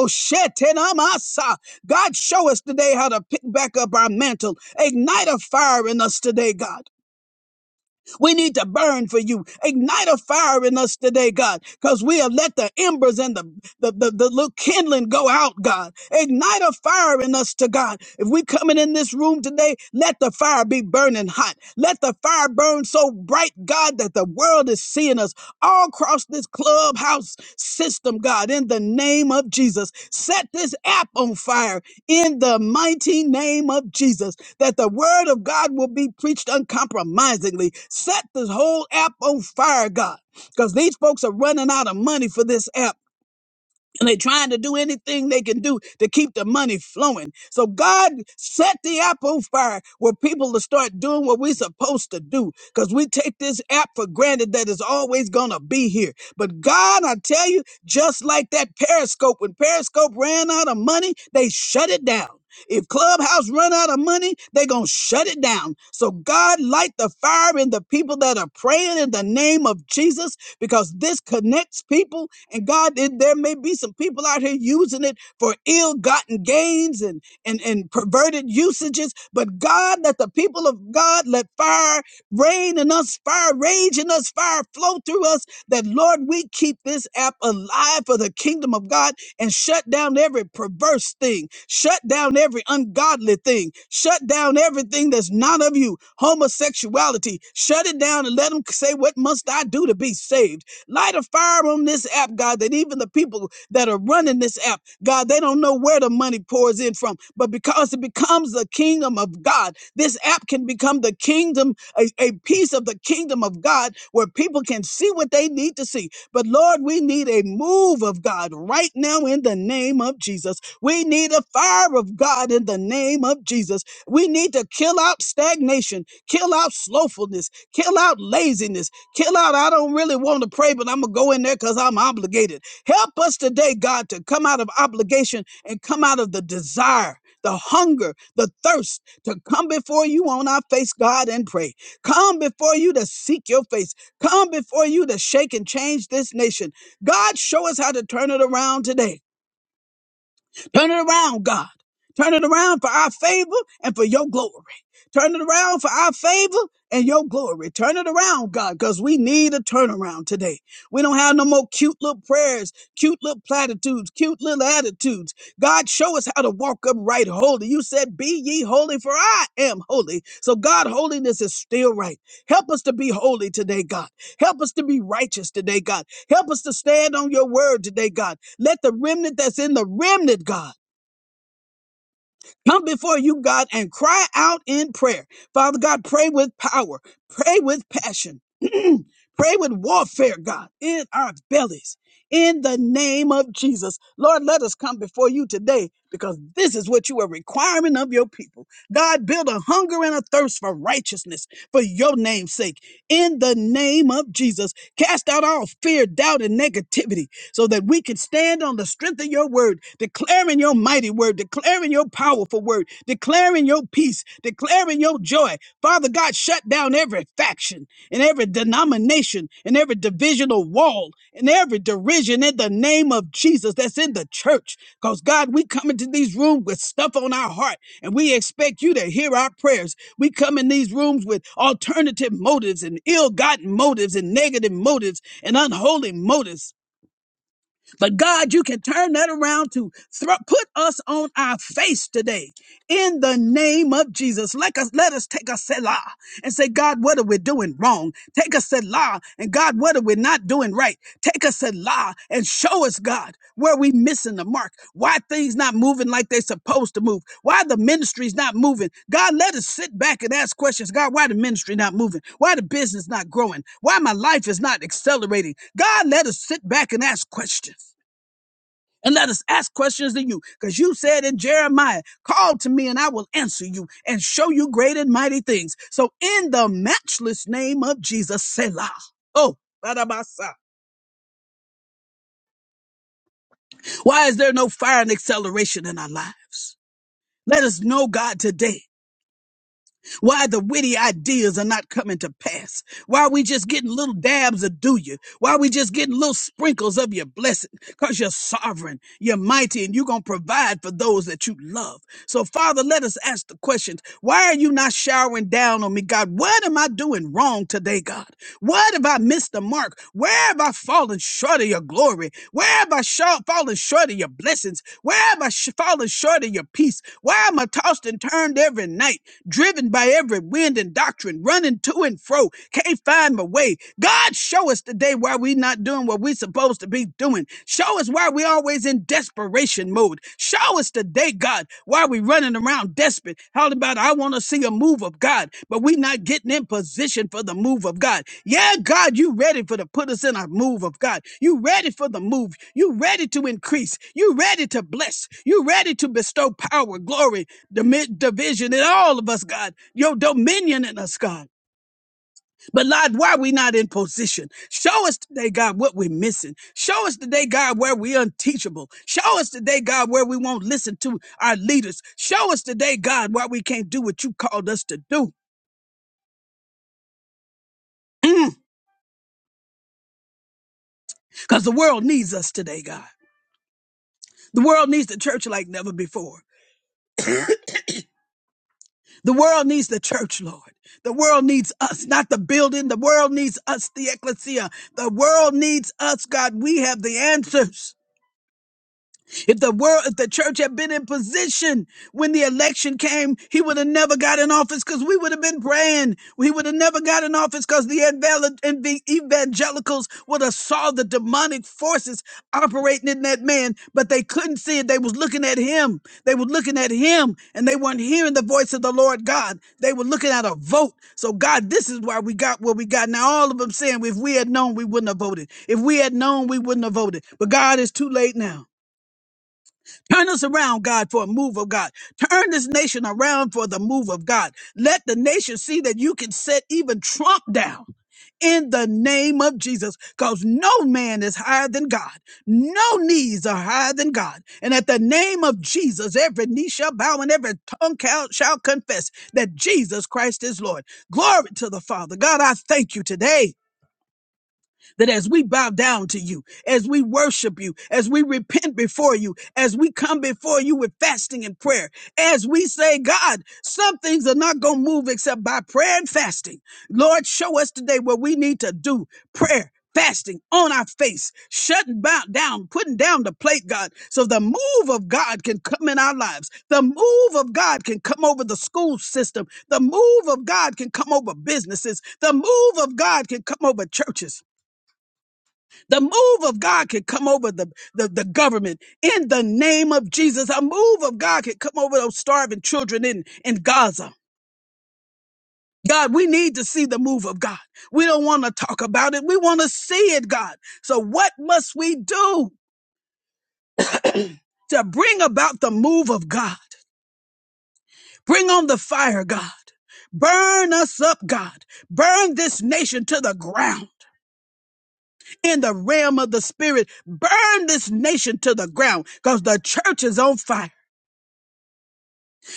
ten of my God, show us today how to pick back up our mantle. Ignite a fire in us today, God. We need to burn for you. Ignite a fire in us today, God, because we have let the embers and the, the, the, the little kindling go out, God. Ignite a fire in us to God. If we coming in this room today, let the fire be burning hot. Let the fire burn so bright, God, that the world is seeing us all across this clubhouse system, God, in the name of Jesus. Set this app on fire in the mighty name of Jesus that the word of God will be preached uncompromisingly. Set this whole app on fire, God, because these folks are running out of money for this app and they're trying to do anything they can do to keep the money flowing. So God set the app on fire where people to start doing what we're supposed to do because we take this app for granted that it's always going to be here. But God, I tell you, just like that Periscope, when Periscope ran out of money, they shut it down. If Clubhouse run out of money, they going to shut it down. So God light the fire in the people that are praying in the name of Jesus because this connects people. And God, there there may be some people out here using it for ill-gotten gains and and and perverted usages. But God, let the people of God let fire rain in us, fire rage in us, fire flow through us. That Lord, we keep this app alive for the kingdom of God and shut down every perverse thing, shut down every ungodly thing, shut down everything that's not of you, homosexuality, shut it down and let them say, What must I do to be saved? Light a fire on this app, God, that even the people that are running this app, God, they don't know where the money pours in from, but because it becomes the kingdom of God, this app can become the kingdom, a, a piece of the kingdom of God where people can see what they need to see but Lord, we need a move of God right now in the name of Jesus. We need a fire of God in the name of Jesus. We need to kill out stagnation, kill out slowfulness, kill out laziness, kill out. I don't really want to pray, but I'm going to go in there because I'm obligated. Help us today, God, to come out of obligation and come out of the desire. The hunger, the thirst to come before you on our face, God, and pray. Come before you to seek your face come before you to shake and change this nation. God, show us how to turn it around today. Turn it around, God. Turn it around for our favor and for your glory. Turn it around for our favor and your glory. Turn it around, God, because we need a turnaround today. We don't have no more cute little prayers, cute little platitudes, cute little attitudes. God, show us how to walk upright holy. You said, Be ye holy, for I am holy. So, God, holiness is still right. Help us to be holy today, God. Help us to be righteous today, God. Help us to stand on your word today, God. Let the remnant that's in the remnant, God, come before you, God, and cry out in prayer. Father God, pray with power, pray with passion, pray with warfare, God, in our bellies. In the name of Jesus, Lord, let us come before you today because this is what you are requiring of your people. God, build a hunger and a thirst for righteousness for your name's sake. In the name of Jesus, cast out all fear, doubt, and negativity so that we could stand on the strength of your word, declaring your mighty word, declaring your powerful word, declaring your peace, declaring your joy. Father God, shut down every faction and every denomination and every divisional wall and every derision in the name of Jesus that's in the church. Because God, we come into these rooms with stuff on our heart and we expect you to hear our prayers. We come in these rooms with alternative motives and ill gotten motives and negative motives and unholy motives. But God, you can turn that around to thro- put us on our face today in the name of Jesus. Let us, let us take a selah and say, God, what are we doing wrong? Take a selah and God, what are we not doing right? Take us at law and show us, God, where we missing the mark. Why things not moving like they supposed to move. Why the ministry's not moving. God, let us sit back and ask questions. God, why the ministry not moving? Why the business not growing? Why my life is not accelerating? God, let us sit back and ask questions. And let us ask questions to you, because you said in Jeremiah, call to me and I will answer you and show you great and mighty things. So in the matchless name of Jesus, Selah. Oh, Barabasa. Why is there no fire and acceleration in our lives? Let us know, God, today why the witty ideas are not coming to pass. Why are we just getting little dabs of do you? Why are we just getting little sprinkles of your blessing? Because you're sovereign, you're mighty, and you're going to provide for those that you love. So, Father, let us ask the questions. Why are you not showering down on me, God? What am I doing wrong today, God? What have I missed the mark? Where have I fallen short of your glory? Where have I sho- fallen short of your blessings? Where have I sh- fallen short of your peace? Why am I tossed and turned every night, driven by every every wind and doctrine, running to and fro, can't find my way. God, show us today why we not doing what we supposed to be doing. Show us why we always in desperation mode. Show us today, God, why we running around desperate. How about I want to see a move of God, but we not getting in position for the move of God. Yeah, God, you ready for to put us in a move of God. You ready for the move. You ready to increase. You ready to bless. You ready to bestow power, glory, Dimi- division in all of us, God, your dominion in us, God. But Lord, why we not in position? Show us today, God, what we're missing. Show us today, God, where we're unteachable. Show us today, God, where we won't listen to our leaders. Show us today, God, why we can't do what you called us to do. Because the world needs us today, God. The world needs the church like never before. The world needs the church, Lord. The world needs us, not the building. The world needs us, the ecclesia. The world needs us, God. We have the answers. If the world, if the church had been in position when the election came, he would have never got in office because we would have been praying. He would have never got in office because the evange- and the evangelicals would have saw the demonic forces operating in that man, but they couldn't see it. They was looking at him. They were looking at him and they weren't hearing the voice of the Lord God. They were looking at a vote. So God, this is why we got what we got. Now all of them saying, if we had known, we wouldn't have voted. If we had known, we wouldn't have voted. But God, it's too late now. Turn us around, God, for a move of God. Turn this nation around for the move of God. Let the nation see that you can set even Trump down. In the name of Jesus, because no man is higher than God. No knees are higher than God. And at the name of Jesus, every knee shall bow and every tongue cal- shall confess that Jesus Christ is Lord. Glory to the Father. God, I thank you today that as we bow down to you, as we worship you, as we repent before you, as we come before you with fasting and prayer, as we say, God, some things are not going to move except by prayer and fasting. Lord, show us today what we need to do prayer. Fasting on our face, shutting bow down, putting down the plate, God, so the move of God can come in our lives. The move of God can come over the school system. The move of God can come over businesses. The move of God can come over churches. The move of God could come over the, the, the government in the name of Jesus. A move of God could come over those starving children in, in Gaza. God, we need to see the move of God. We don't want to talk about it. We want to see it, God. So what must we do to bring about the move of God? Bring on the fire, God. Burn us up, God. Burn this nation to the ground in the realm of the spirit. Burn this nation to the ground because the church is on fire.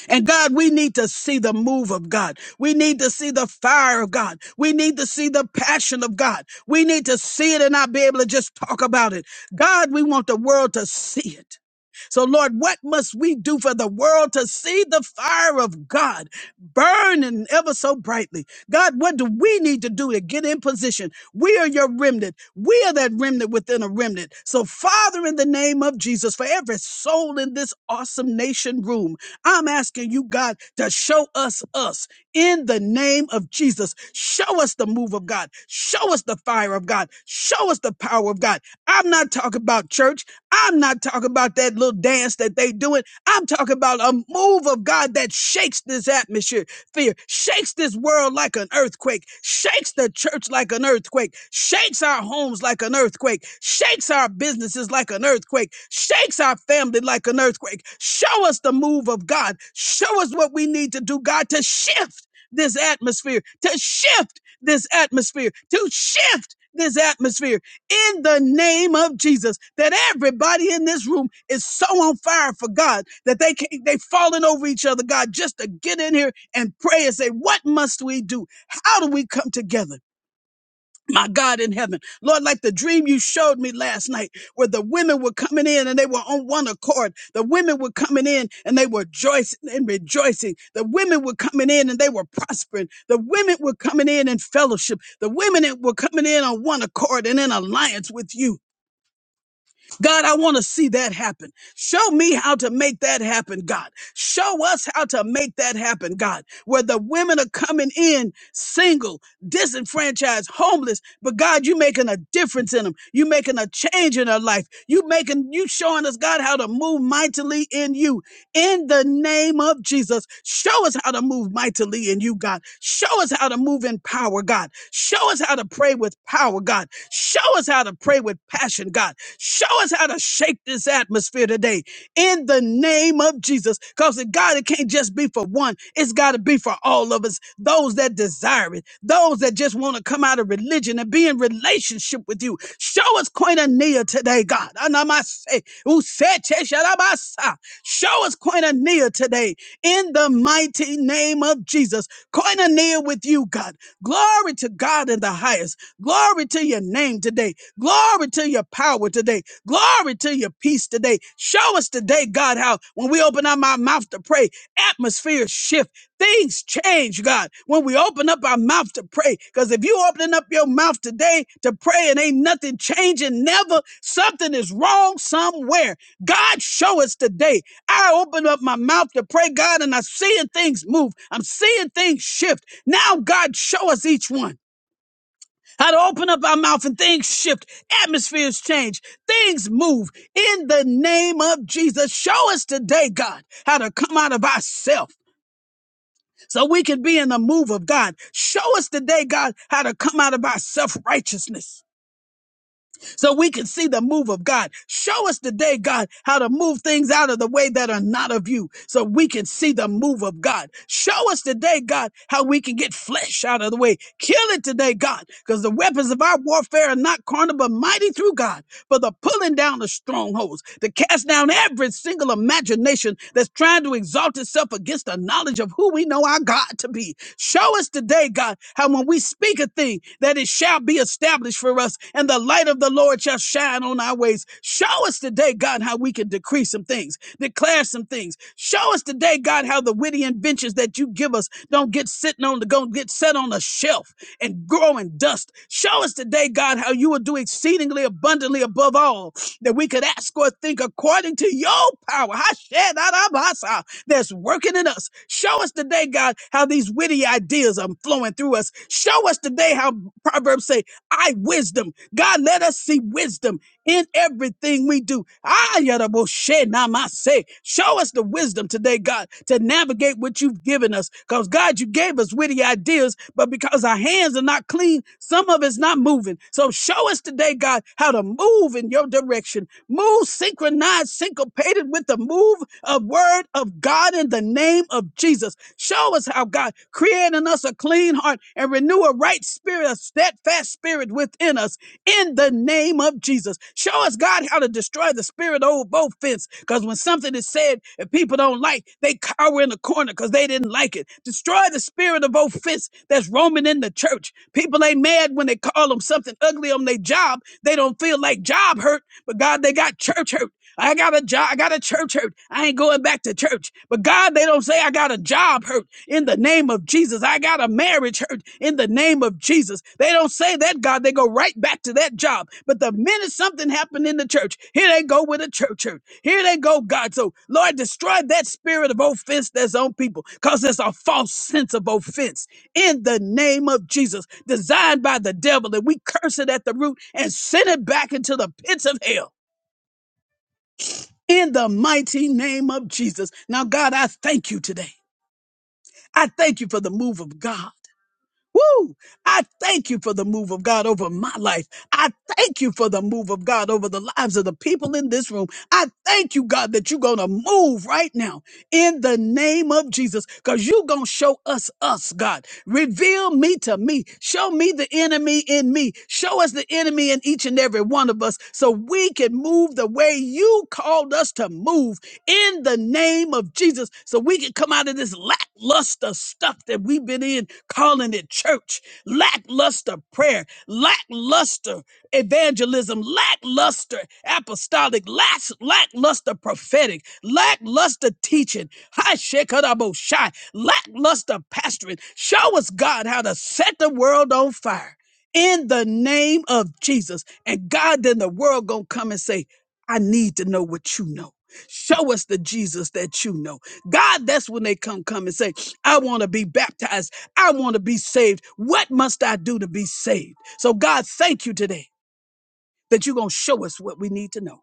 And God, we need to see the move of God. We need to see the fire of God. We need to see the passion of God. We need to see it and not be able to just talk about it. God, we want the world to see it. So, Lord, what must we do for the world to see the fire of God burning ever so brightly? God, what do we need to do to get in position? We are your remnant. We are that remnant within a remnant. So, Father, in the name of Jesus, for every soul in this awesome nation room, I'm asking you, God, to show us us in the name of Jesus. Show us the move of God. Show us the fire of God. Show us the power of God. I'm not talking about church. I'm not talking about that little dance that they doing. I'm talking about a move of God that shakes this atmosphere fear, shakes this world like an earthquake, shakes the church like an earthquake, shakes our homes like an earthquake, shakes our businesses like an earthquake, shakes our family like an earthquake. Show us the move of God. Show us what we need to do, God, to shift this atmosphere, to shift this atmosphere, to shift this atmosphere in the name of Jesus. That everybody in this room is so on fire for God that they can't, they falling over each other, God, just to get in here and pray and say, what must we do? How do we come together? My God in heaven, Lord, like the dream you showed me last night where the women were coming in and they were on one accord. The women were coming in and they were joicing and rejoicing. The women were coming in and they were prospering. The women were coming in in fellowship. The women that were coming in on one accord and in alliance with you. God, I want to see that happen. Show me how to make that happen, God. Show us how to make that happen, God, where the women are coming in single, disenfranchised, homeless, but God, you making a difference in them. You making a change in their life. You making, you showing us, God, how to move mightily in you. In the name of Jesus, show us how to move mightily in you, God. Show us how to move in power, God. Show us how to pray with power, God. Show us how to pray with passion, God. Show us how to shake this atmosphere today in the name of Jesus. Because God, it can't just be for one, it's got to be for all of us. Those that desire it, those that just want to come out of religion and be in relationship with you. Show us koinonia today, God. Anamase, usete, shalabasa. Show us koinonia today in the mighty name of Jesus. Koinonia with you, God. Glory to God in the highest. Glory to your name today. Glory to your power today. Glory to your peace today. Show us today, God, how when we open up our mouth to pray, atmospheres shift. Things change, God, when we open up our mouth to pray. Because if you opening up your mouth today to pray and ain't nothing changing, never, something is wrong somewhere. God, show us today. I open up my mouth to pray, God, and I'm seeing things move. I'm seeing things shift. Now, God, show us each one. How to open up our mouth and things shift, atmospheres change, things move in the name of Jesus. Show us today, God, how to come out of ourselves so we can be in the move of God. Show us today, God, how to come out of our self righteousness so we can see the move of God. Show us today, God, how to move things out of the way that are not of you so we can see the move of God. Show us today, God, how we can get flesh out of the way. Kill it today, God, because the weapons of our warfare are not carnal, but mighty through God for the pulling down of strongholds, to cast down every single imagination that's trying trying to exalt itself against the knowledge of who we know our God to be. Show us today, God, how when we speak a thing, that it shall be established for us, and the light of the Lord shall shine on our ways. Show us today, God, how we can decree some things, declare some things. Show us today, God, how the witty inventions that you give us don't get sitting on the go get set on a shelf and grow in dust. Show us today, God, how you will do exceedingly abundantly above all that we could ask or think according to your power. Hashem, that's working in us. Show us today, God, how these witty ideas are flowing through us. Show us today how Proverbs say, I wisdom. God, let us see wisdom in everything we do. Ah, Yadaboshe Namase. Show us the wisdom today, God, to navigate what you've given us. Because, God, you gave us witty ideas, but because our hands are not clean, some of it's not moving. So, show us today, God, how to move in your direction. Move synchronized, syncopated with the move of word of God in the name of Jesus. Show us how, God, create in us a clean heart and renew a right spirit, a steadfast spirit within us in the name of Jesus. Show us, God, how to destroy the spirit of offense. Because when something is said and people don't like, they cower in the corner because they didn't like it. Destroy the spirit of offense that's roaming in the church. People ain't mad when they call them something ugly on their job. They don't feel like job hurt, but God, they got church hurt. I got a job. I got a church hurt. I ain't going back to church. But God, they don't say I got a job hurt in the name of Jesus. I got a marriage hurt in the name of Jesus. They don't say that, God. They go right back to that job. But the minute something happened in the church, here they go with a church hurt. Here they go, God. So, Lord, destroy that spirit of offense that's on people because there's a false sense of offense in the name of Jesus, designed by the devil. And we curse it at the root and send it back into the pits of hell in the mighty name of Jesus. Now, God, I thank you today. I thank you for the move of God. Woo! I thank you for the move of God over my life. I thank you for the move of God over the lives of the people in this room. I thank you, God, that you're going to move right now in the name of Jesus because you're going to show us us, God. Reveal me to me. Show me the enemy in me. Show us the enemy in each and every one of us so we can move the way you called us to move in the name of Jesus so we can come out of this lackluster stuff that we've been in, calling it church, lackluster prayer, lackluster evangelism, lackluster apostolic, lack- lackluster prophetic, lackluster teaching, high shekadabo shy, lackluster pastoring. Show us, God, how to set the world on fire in the name of Jesus. And God, then the world gonna come and say, I need to know what you know. Show us the Jesus that you know. God, that's when they come come and say, I want to be baptized. I want to be saved. What must I do to be saved? So God, thank you today that you're gonna show us what we need to know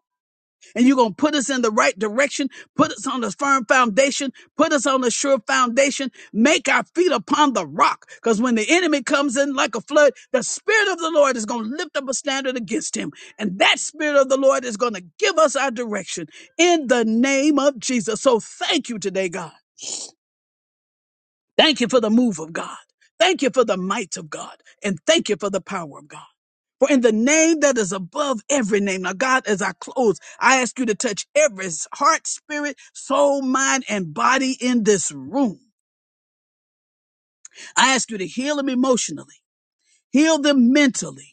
and you're going to put us in the right direction, put us on the firm foundation, put us on the sure foundation, make our feet upon the rock. Because when the enemy comes in like a flood, the Spirit of the Lord is going to lift up a standard against him. And that Spirit of the Lord is going to give us our direction in the name of Jesus. So thank you today, God. Thank you for the move of God. Thank you for the might of God. And thank you for the power of God. For in the name that is above every name, now God, as I close, I ask you to touch every heart, spirit, soul, mind, and body in this room. I ask you to heal them emotionally, heal them mentally,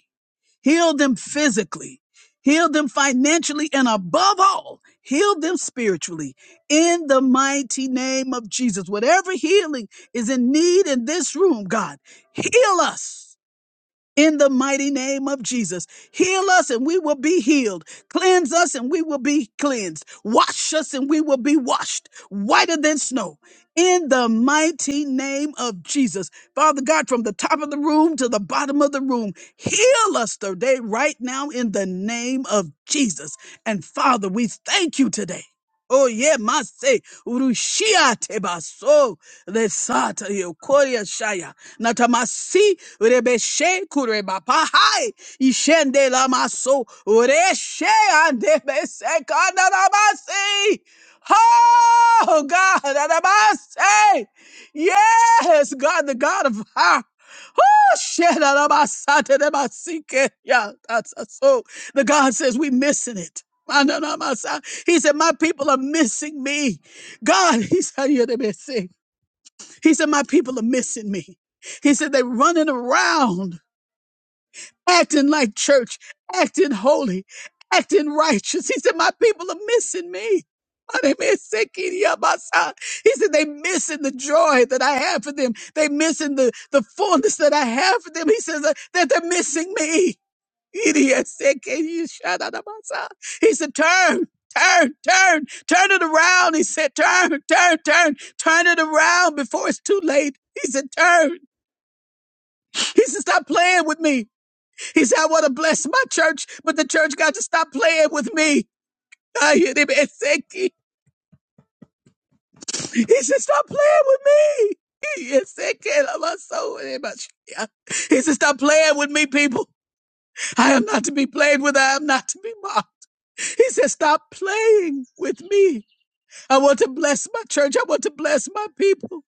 heal them physically, heal them financially, and above all, heal them spiritually in the mighty name of Jesus. Whatever healing is in need in this room, God, heal us in the mighty name of Jesus. Heal us and we will be healed. Cleanse us and we will be cleansed. Wash us and we will be washed whiter than snow. In the mighty name of Jesus. Father God, from the top of the room to the bottom of the room, heal us today, right now, in the name of Jesus. And Father, we thank you today. Oh yeah, mase urushia tebaso lesata yokoria shaya. Natamasi rebeshe kurebapahai ishende la lamaso reshe andebese kandaramasi. Oh God, adabase. yes, God, the God of fire. Shedarabasateremasike. Yeah, that's that's so. The God says we're missing it. Ananamasa. He said, My people are missing me. God, he said, he said, My people are missing me. He said, They're running around, acting like church, acting holy, acting righteous. He said, My people are missing me. He said, they missing the joy that I have for them. they missing the, the fullness that I have for them. He says that that they're missing me. He said, Turn, turn, turn, turn it around. He said, Turn, turn, turn, turn it around before it's too late. He said, Turn. He said, Stop playing with me. He said, I want to bless my church, but the church got to stop playing with me. I hear him, He said, Stop playing with me. He said, Stop playing with me, people. I am not to be played with. I am not to be mocked. He said, Stop playing with me. I want to bless my church. I want to bless my people.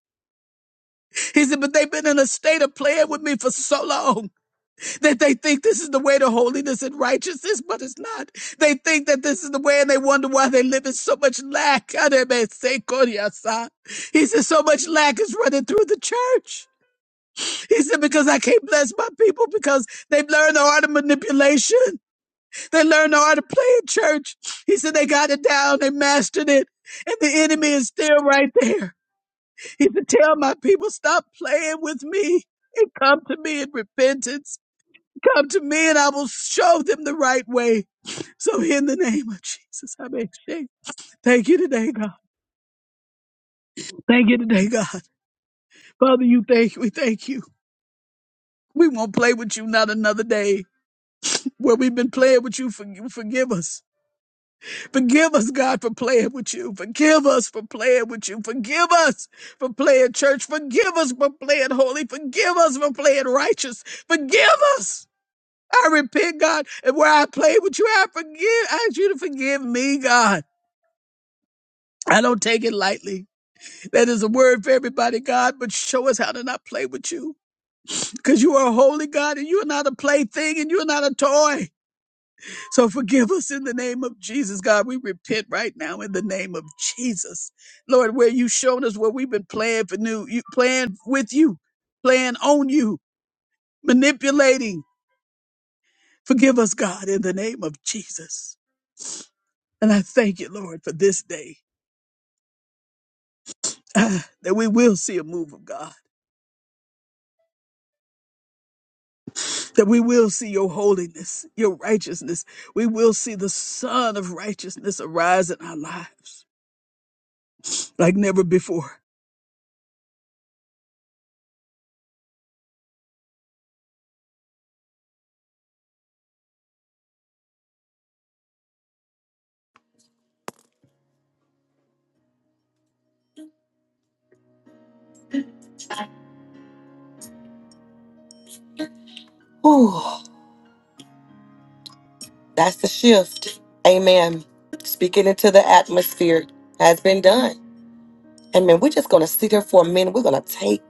He said, But they've been in a state of playing with me for so long that they think this is the way to holiness and righteousness, but it's not. They think that this is the way and they wonder why they live in so much lack. He said, So much lack is running through the church. He said, Because I can't bless my people because they've learned the art of manipulation. They learned how to play in church. He said they got it down, they mastered it, and the enemy is still right there. He said, Tell my people, stop playing with me and come to me in repentance. Come to me and I will show them the right way. So in the name of Jesus, I make shape. Thank you today, God. Thank you today, God. Father, you thank we thank you. We won't play with you not another day. Where we've been playing with you, for, you forgive us. Forgive us, God, for playing with you. Forgive us for playing with you. Forgive us for playing church. Forgive us for playing holy. Forgive us for playing righteous. Forgive us. I repent, God, and where I played with you, I forgive. I ask you to forgive me, God. I don't take it lightly. That is a word for everybody, God, but show us how to not play with you. Because you are a holy God and you are not a plaything and you are not a toy. So forgive us in the name of Jesus, God. We repent right now in the name of Jesus, Lord. Where you showed us where we've been playing for new, you playing with you, playing on you, manipulating. Forgive us, God, in the name of Jesus. And I thank you, Lord, for this day ah, that we will see a move of God, that we will see your holiness, your righteousness. We will see the Son of righteousness arise in our lives like never before. Ooh, that's the shift. Amen. Speaking into the atmosphere has been done. Amen. We're just going to sit here for a minute. We're going to take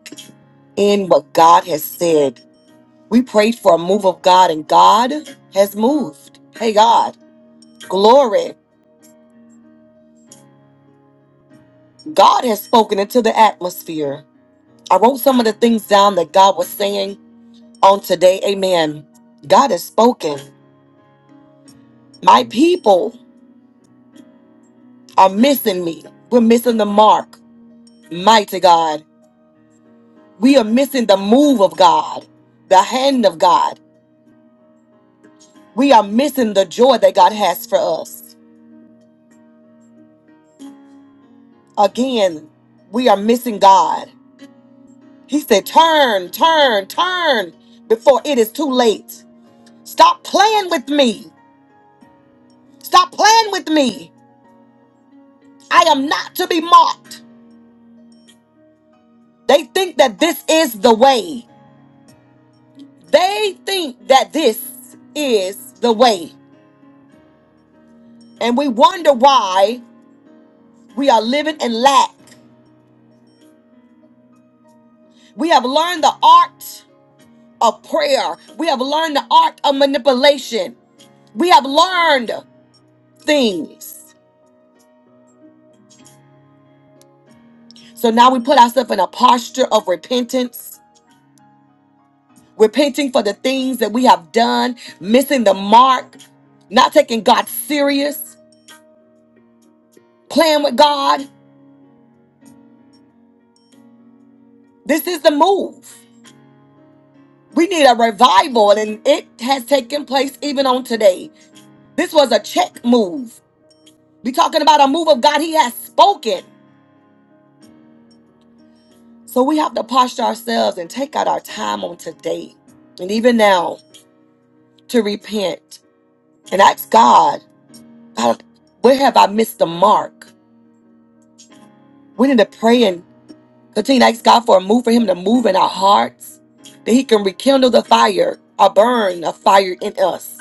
in what God has said. We prayed for a move of God, and God has moved. Hey, God, glory. God has spoken into the atmosphere. I wrote some of the things down that God was saying on today. Amen. God has spoken. My people are missing me. We're missing the mark. Mighty God. We are missing the move of God, the hand of God. We are missing the joy that God has for us. Again, we are missing God. He said, Turn, turn, turn before it is too late. Stop playing with me. Stop playing with me. I am not to be mocked. They think that this is the way. They think that this is the way. And we wonder why we are living in lack. We have learned the art of prayer, we have learned the art of manipulation, we have learned things. So now we put ourselves in a posture of repentance, repenting for the things that we have done, missing the mark, not taking God serious, playing with God. This is the move. We need a revival, and it has taken place even on today. This was a check move. We're talking about a move of God. He has spoken. So we have to posture ourselves and take out our time on today and even now to repent and ask God, God, where have I missed the mark? We need to pray and continue to ask God for a move for Him to move in our hearts, that He can rekindle the fire or burn a fire in us,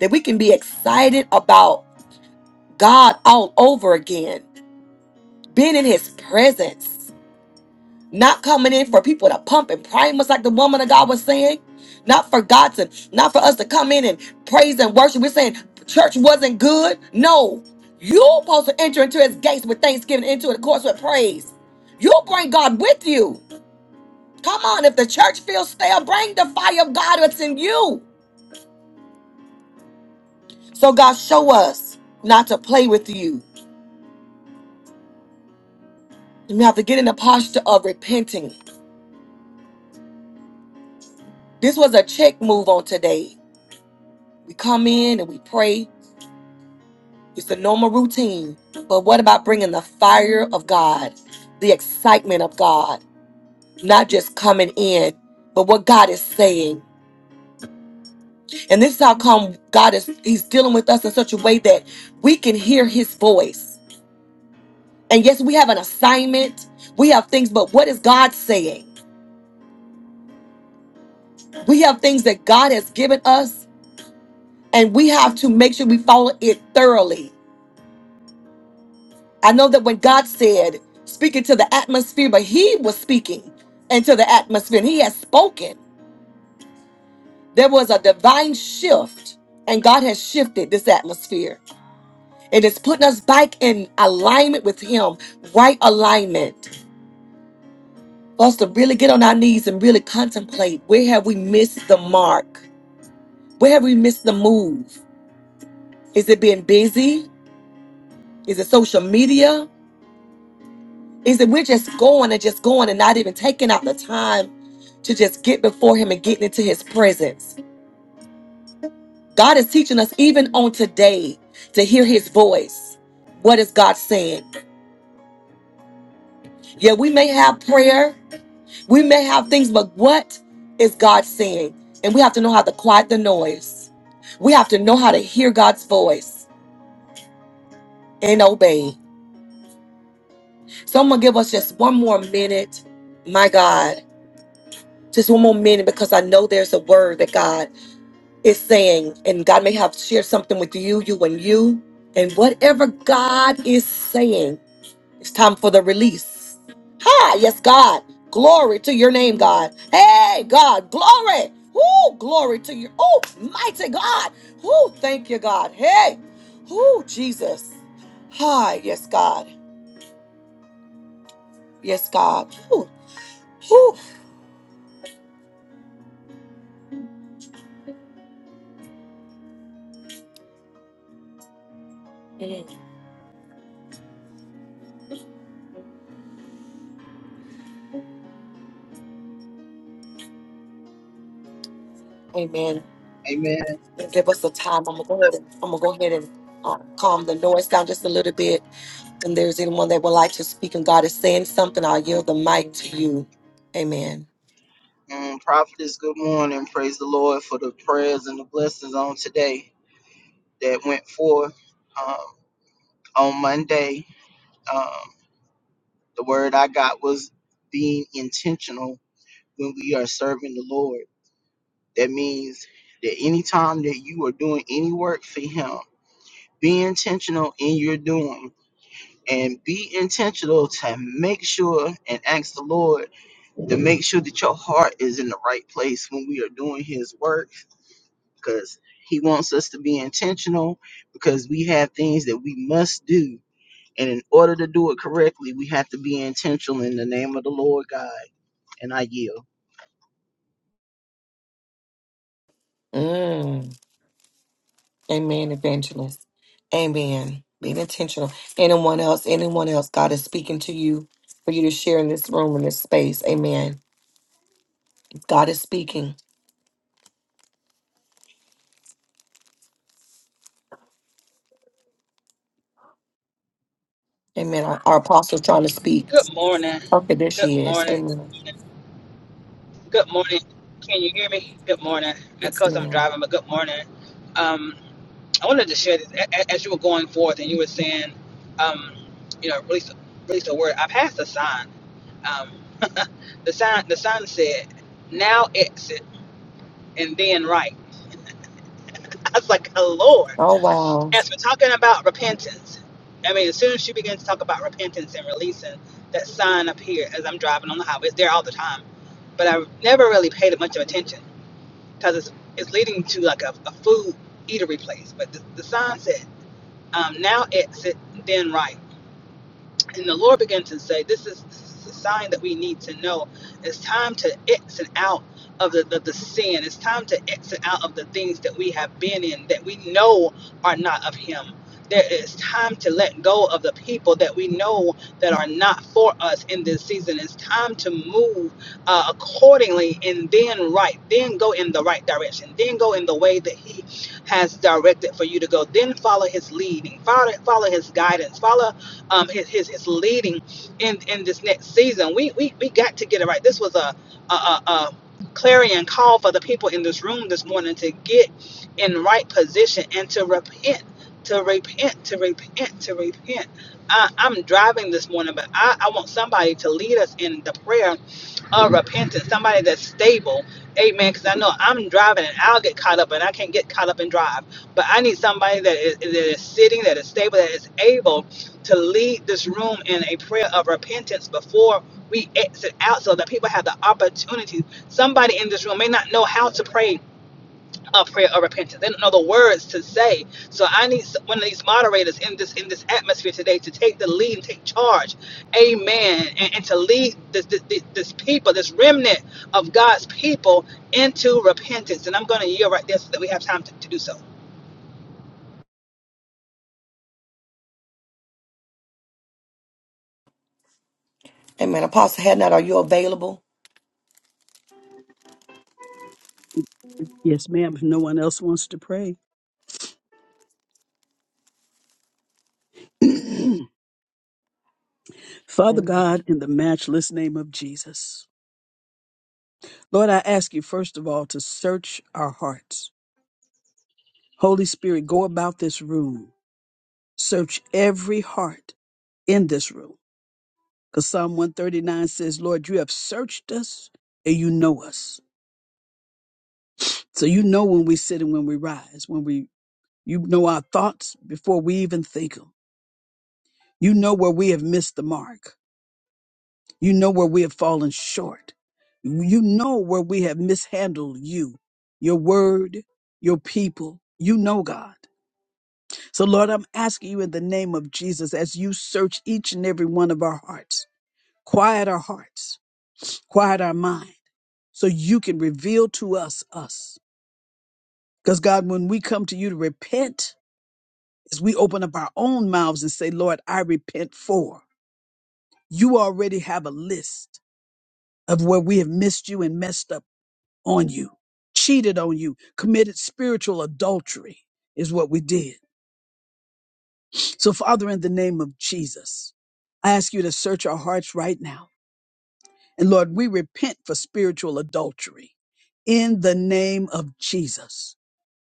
that we can be excited about God all over again, being in His presence, not coming in for people to pump and prime us like the woman of God was saying, not for God to, not for us to come in and praise and worship. We're saying church wasn't good. No, you're supposed to enter into His gates with thanksgiving, into the courts with praise. You'll bring God with you. Come on, if the church feels stale, bring the fire of God that's in you. So, God, show us not to play with you. We have to get in the posture of repenting. This was a check move on today. We come in and we pray. It's the normal routine. But what about bringing the fire of God, the excitement of God, not just coming in, but what God is saying? And this is how come God is He's dealing with us in such a way that we can hear His voice And yes, we have an assignment, we have things, but what is God saying? We have things that God has given us, and we have to make sure we follow it thoroughly. I know that when God said, speaking to the atmosphere, but He was speaking into the atmosphere, and He has spoken. There was a divine shift, and God has shifted this atmosphere. And it's putting us back in alignment with Him, right alignment. For us to really get on our knees and really contemplate where have we missed the mark? Where have we missed the move? Is it being busy? Is it social media? Is it we're just going and just going and not even taking out the time to just get before Him and getting into His presence? God is teaching us even on today to hear His voice. What is God saying? Yeah, we may have prayer, we may have things, but what is God saying? And we have to know how to quiet the noise. We have to know how to hear God's voice and obey. Someone give us just one more minute, my God. Just one more minute because I know there's a word that God is saying, and God may have shared something with you, you, and you. And whatever God is saying, it's time for the release. Hi, yes, God. Glory to your name, God. Hey, God, glory. Woo, glory to you. Oh, mighty God. Woo, thank you, God. Hey, woo, Jesus. Hi, yes, God. Yes, God. Woo, woo. Amen. Amen. and give us a time. I'm gonna go ahead and, I'm gonna go ahead and uh, calm the noise down just a little bit. And there's anyone that would like to speak and God is saying something, I'll yield the mic to you. Amen. Um, prophetess, good morning. Praise the Lord for the prayers and the blessings on today that went forth um, on Monday. Um, the word I got was being intentional when we are serving the Lord. That means that anytime that you are doing any work for Him, be intentional in your doing and be intentional to make sure and ask the Lord to make sure that your heart is in the right place when we are doing His work because he wants us to be intentional because we have things that we must do. And in order to do it correctly, we have to be intentional in the name of the Lord God. And I yield. Mm. Amen, evangelist. Amen. Being intentional. Anyone else, anyone else, God is speaking to you for you to share in this room, in this space. Amen. God is speaking. Amen. Our, our apostle trying to speak. Good morning. Okay, there Good she is. morning. Amen. Good morning. Can you hear me? Good morning. Yes, Because I'm ma'am. driving, but good morning. Um, I wanted to share this A- a- as you were going forth and you were saying, um, you know, release release the word. I passed a sign. Um, the sign the sign said, "Now exit and then right." I was like, "Oh, Lord." Oh, wow. as we're talking about repentance, I mean, as soon as she begins to talk about repentance and releasing, that sign up here as I'm driving on the highway, it's there all the time. But I have never really paid it much of attention because it's, it's leading to like a, a food eatery place. But the, the sign said, um, now exit, then right. And the Lord began to say, "This is this is a sign that we need to know. It's time to exit out of the, the, the sin. It's time to exit out of the things that we have been in that we know are not of Him. There is time to let go of the people that we know that are not for us in this season. It's time to move uh, accordingly and then right, then go in the right direction, then go in the way that He has directed for you to go. Then follow His leading, follow follow His guidance, follow." um, his, his his leading in in this next season. We we we got to get it right. This was a a, a, a clarion call for the people in this room this morning to get in right position and to repent. To repent, to repent, to repent. I, I'm driving this morning, but I, I want somebody to lead us in the prayer of repentance. Somebody that's stable, amen. Because I know I'm driving and I'll get caught up, and I can't get caught up and drive. But I need somebody that is, that is sitting, that is stable, that is able to lead this room in a prayer of repentance before we exit out so that people have the opportunity. Somebody in this room may not know how to pray a prayer of repentance. They don't know the words to say. So I need one of these moderators in this in this atmosphere today to take the lead and take charge. Amen. And, and to lead this, this this this people, this remnant of God's people into repentance. And I'm going to yield right there so that we have time to, to do so. Yes, ma'am. If no one else wants to pray. Father Amen. God, in the matchless name of Jesus, Lord, I ask you, first of all, to search our hearts. Holy Spirit, go about this room, search every heart in this room. Because Psalm 139 says, Lord, you have searched us and you know us. So you know when we sit and when we rise, when we, you know our thoughts before we even think them. You know where we have missed the mark. You know where we have fallen short. You know where we have mishandled you, your word, your people. You know, God. So, Lord, I'm asking you in the name of Jesus as you search each and every one of our hearts, quiet our hearts, quiet our mind, so you can reveal to us us. Because, God, when we come to you to repent, as we open up our own mouths and say, Lord, I repent for, you already have a list of where we have missed you and messed up on you, cheated on you, committed spiritual adultery is what we did. So, Father, in the name of Jesus, I ask you to search our hearts right now. And Lord, we repent for spiritual adultery in the name of Jesus.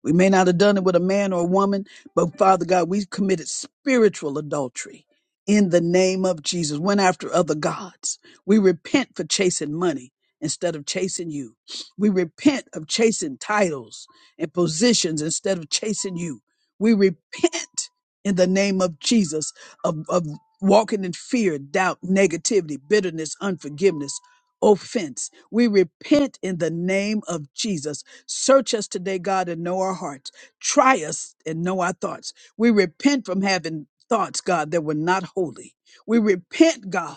We may not have done it with a man or a woman, but Father God, we committed spiritual adultery in the name of Jesus, went after other gods. We repent for chasing money instead of chasing you. We repent of chasing titles and positions instead of chasing you. We repent in the name of Jesus of, of walking in fear, doubt, negativity, bitterness, unforgiveness, offense. We repent in the name of Jesus Search us today, God, and know our hearts. Try us and know our thoughts. We repent from having thoughts, God, that were not holy. We repent, God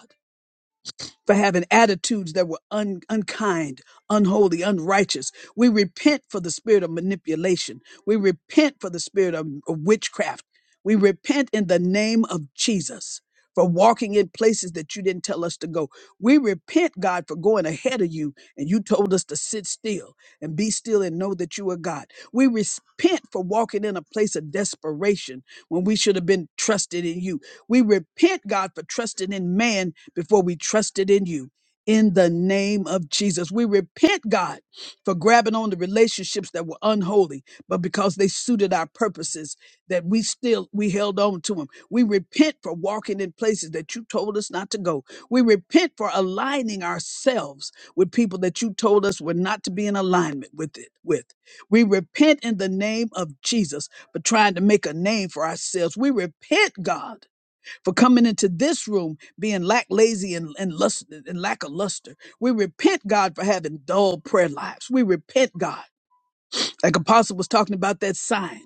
for having attitudes that were un- unkind, unholy, unrighteous. We repent for the spirit of manipulation. We repent for the spirit of, of witchcraft. We repent in the name of Jesus for walking in places that you didn't tell us to go. We repent, God, for going ahead of you and you told us to sit still and be still and know that you are God. We repent for walking in a place of desperation when we should have been trusted in you. We repent, God, for trusting in man before we trusted in you. In the name of Jesus, we repent, God, for grabbing on the relationships that were unholy, but because they suited our purposes, that we still we held on to them. We repent for walking in places that you told us not to go. We repent for aligning ourselves with people that you told us were not to be in alignment with it. With we repent in the name of Jesus for trying to make a name for ourselves. We repent, God for coming into this room being lackadaisy and, and, lust, and lackluster. We repent, God, for having dull prayer lives. We repent, God like Apostle was talking about that sign.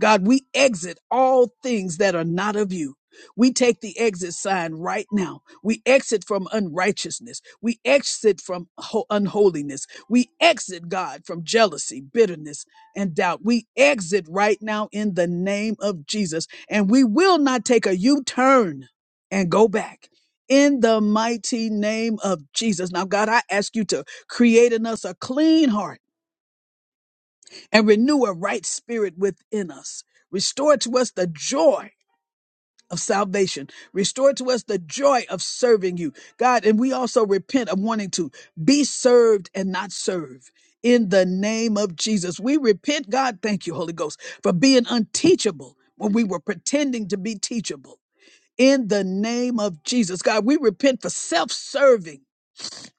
God, we exit all things that are not of you. We take the exit sign right now. We exit from unrighteousness. We exit from ho- unholiness. We exit, God, from jealousy, bitterness, and doubt. We exit right now in the name of Jesus. And we will not take a U turn and go back. In the mighty name of Jesus. Now, God, I ask you to create in us a clean heart and renew a right spirit within us. Restore to us the joy of salvation. Restore to us the joy of serving you, God. And we also repent of wanting to be served and not serve. In the name of Jesus, we repent, God. Thank you, Holy Ghost, for being unteachable when we were pretending to be teachable. In the name of Jesus, God, we repent for self serving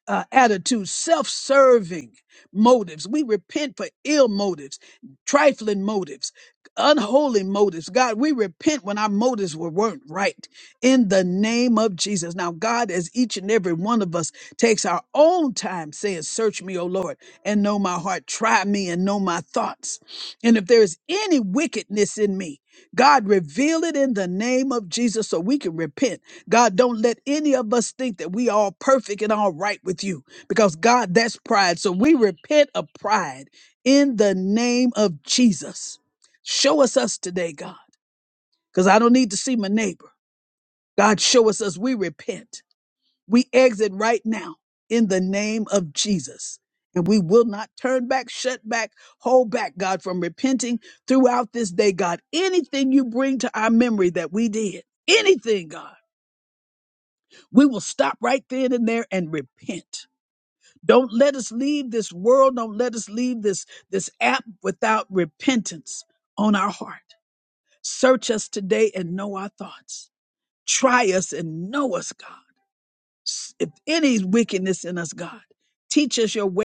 uh, attitudes, self serving motives. We repent for ill motives, trifling motives, unholy motives. God, we repent when our motives were, weren't right in the name of Jesus. Now, God, as each and every one of us takes our own time saying, Search me, O Lord, and know my heart, try me and know my thoughts. And if there is any wickedness in me, God, reveal it in the name of Jesus so we can repent God, don't let any of us think that we all perfect and all right with you because God, that's pride. So we repent of pride in the name of Jesus. Show us us today, God, because I don't need to see my neighbor. God, show us us. We repent. We exit right now in the name of Jesus. And we will not turn back, shut back, hold back, God, from repenting throughout this day, God. Anything you bring to our memory that we did, anything, God. We will stop right then and there and repent. Don't let us leave this world. Don't let us leave this, this app without repentance on our heart. Search us today and know our thoughts. Try us and know us, God. S- If any wickedness in us, God, teach us your ways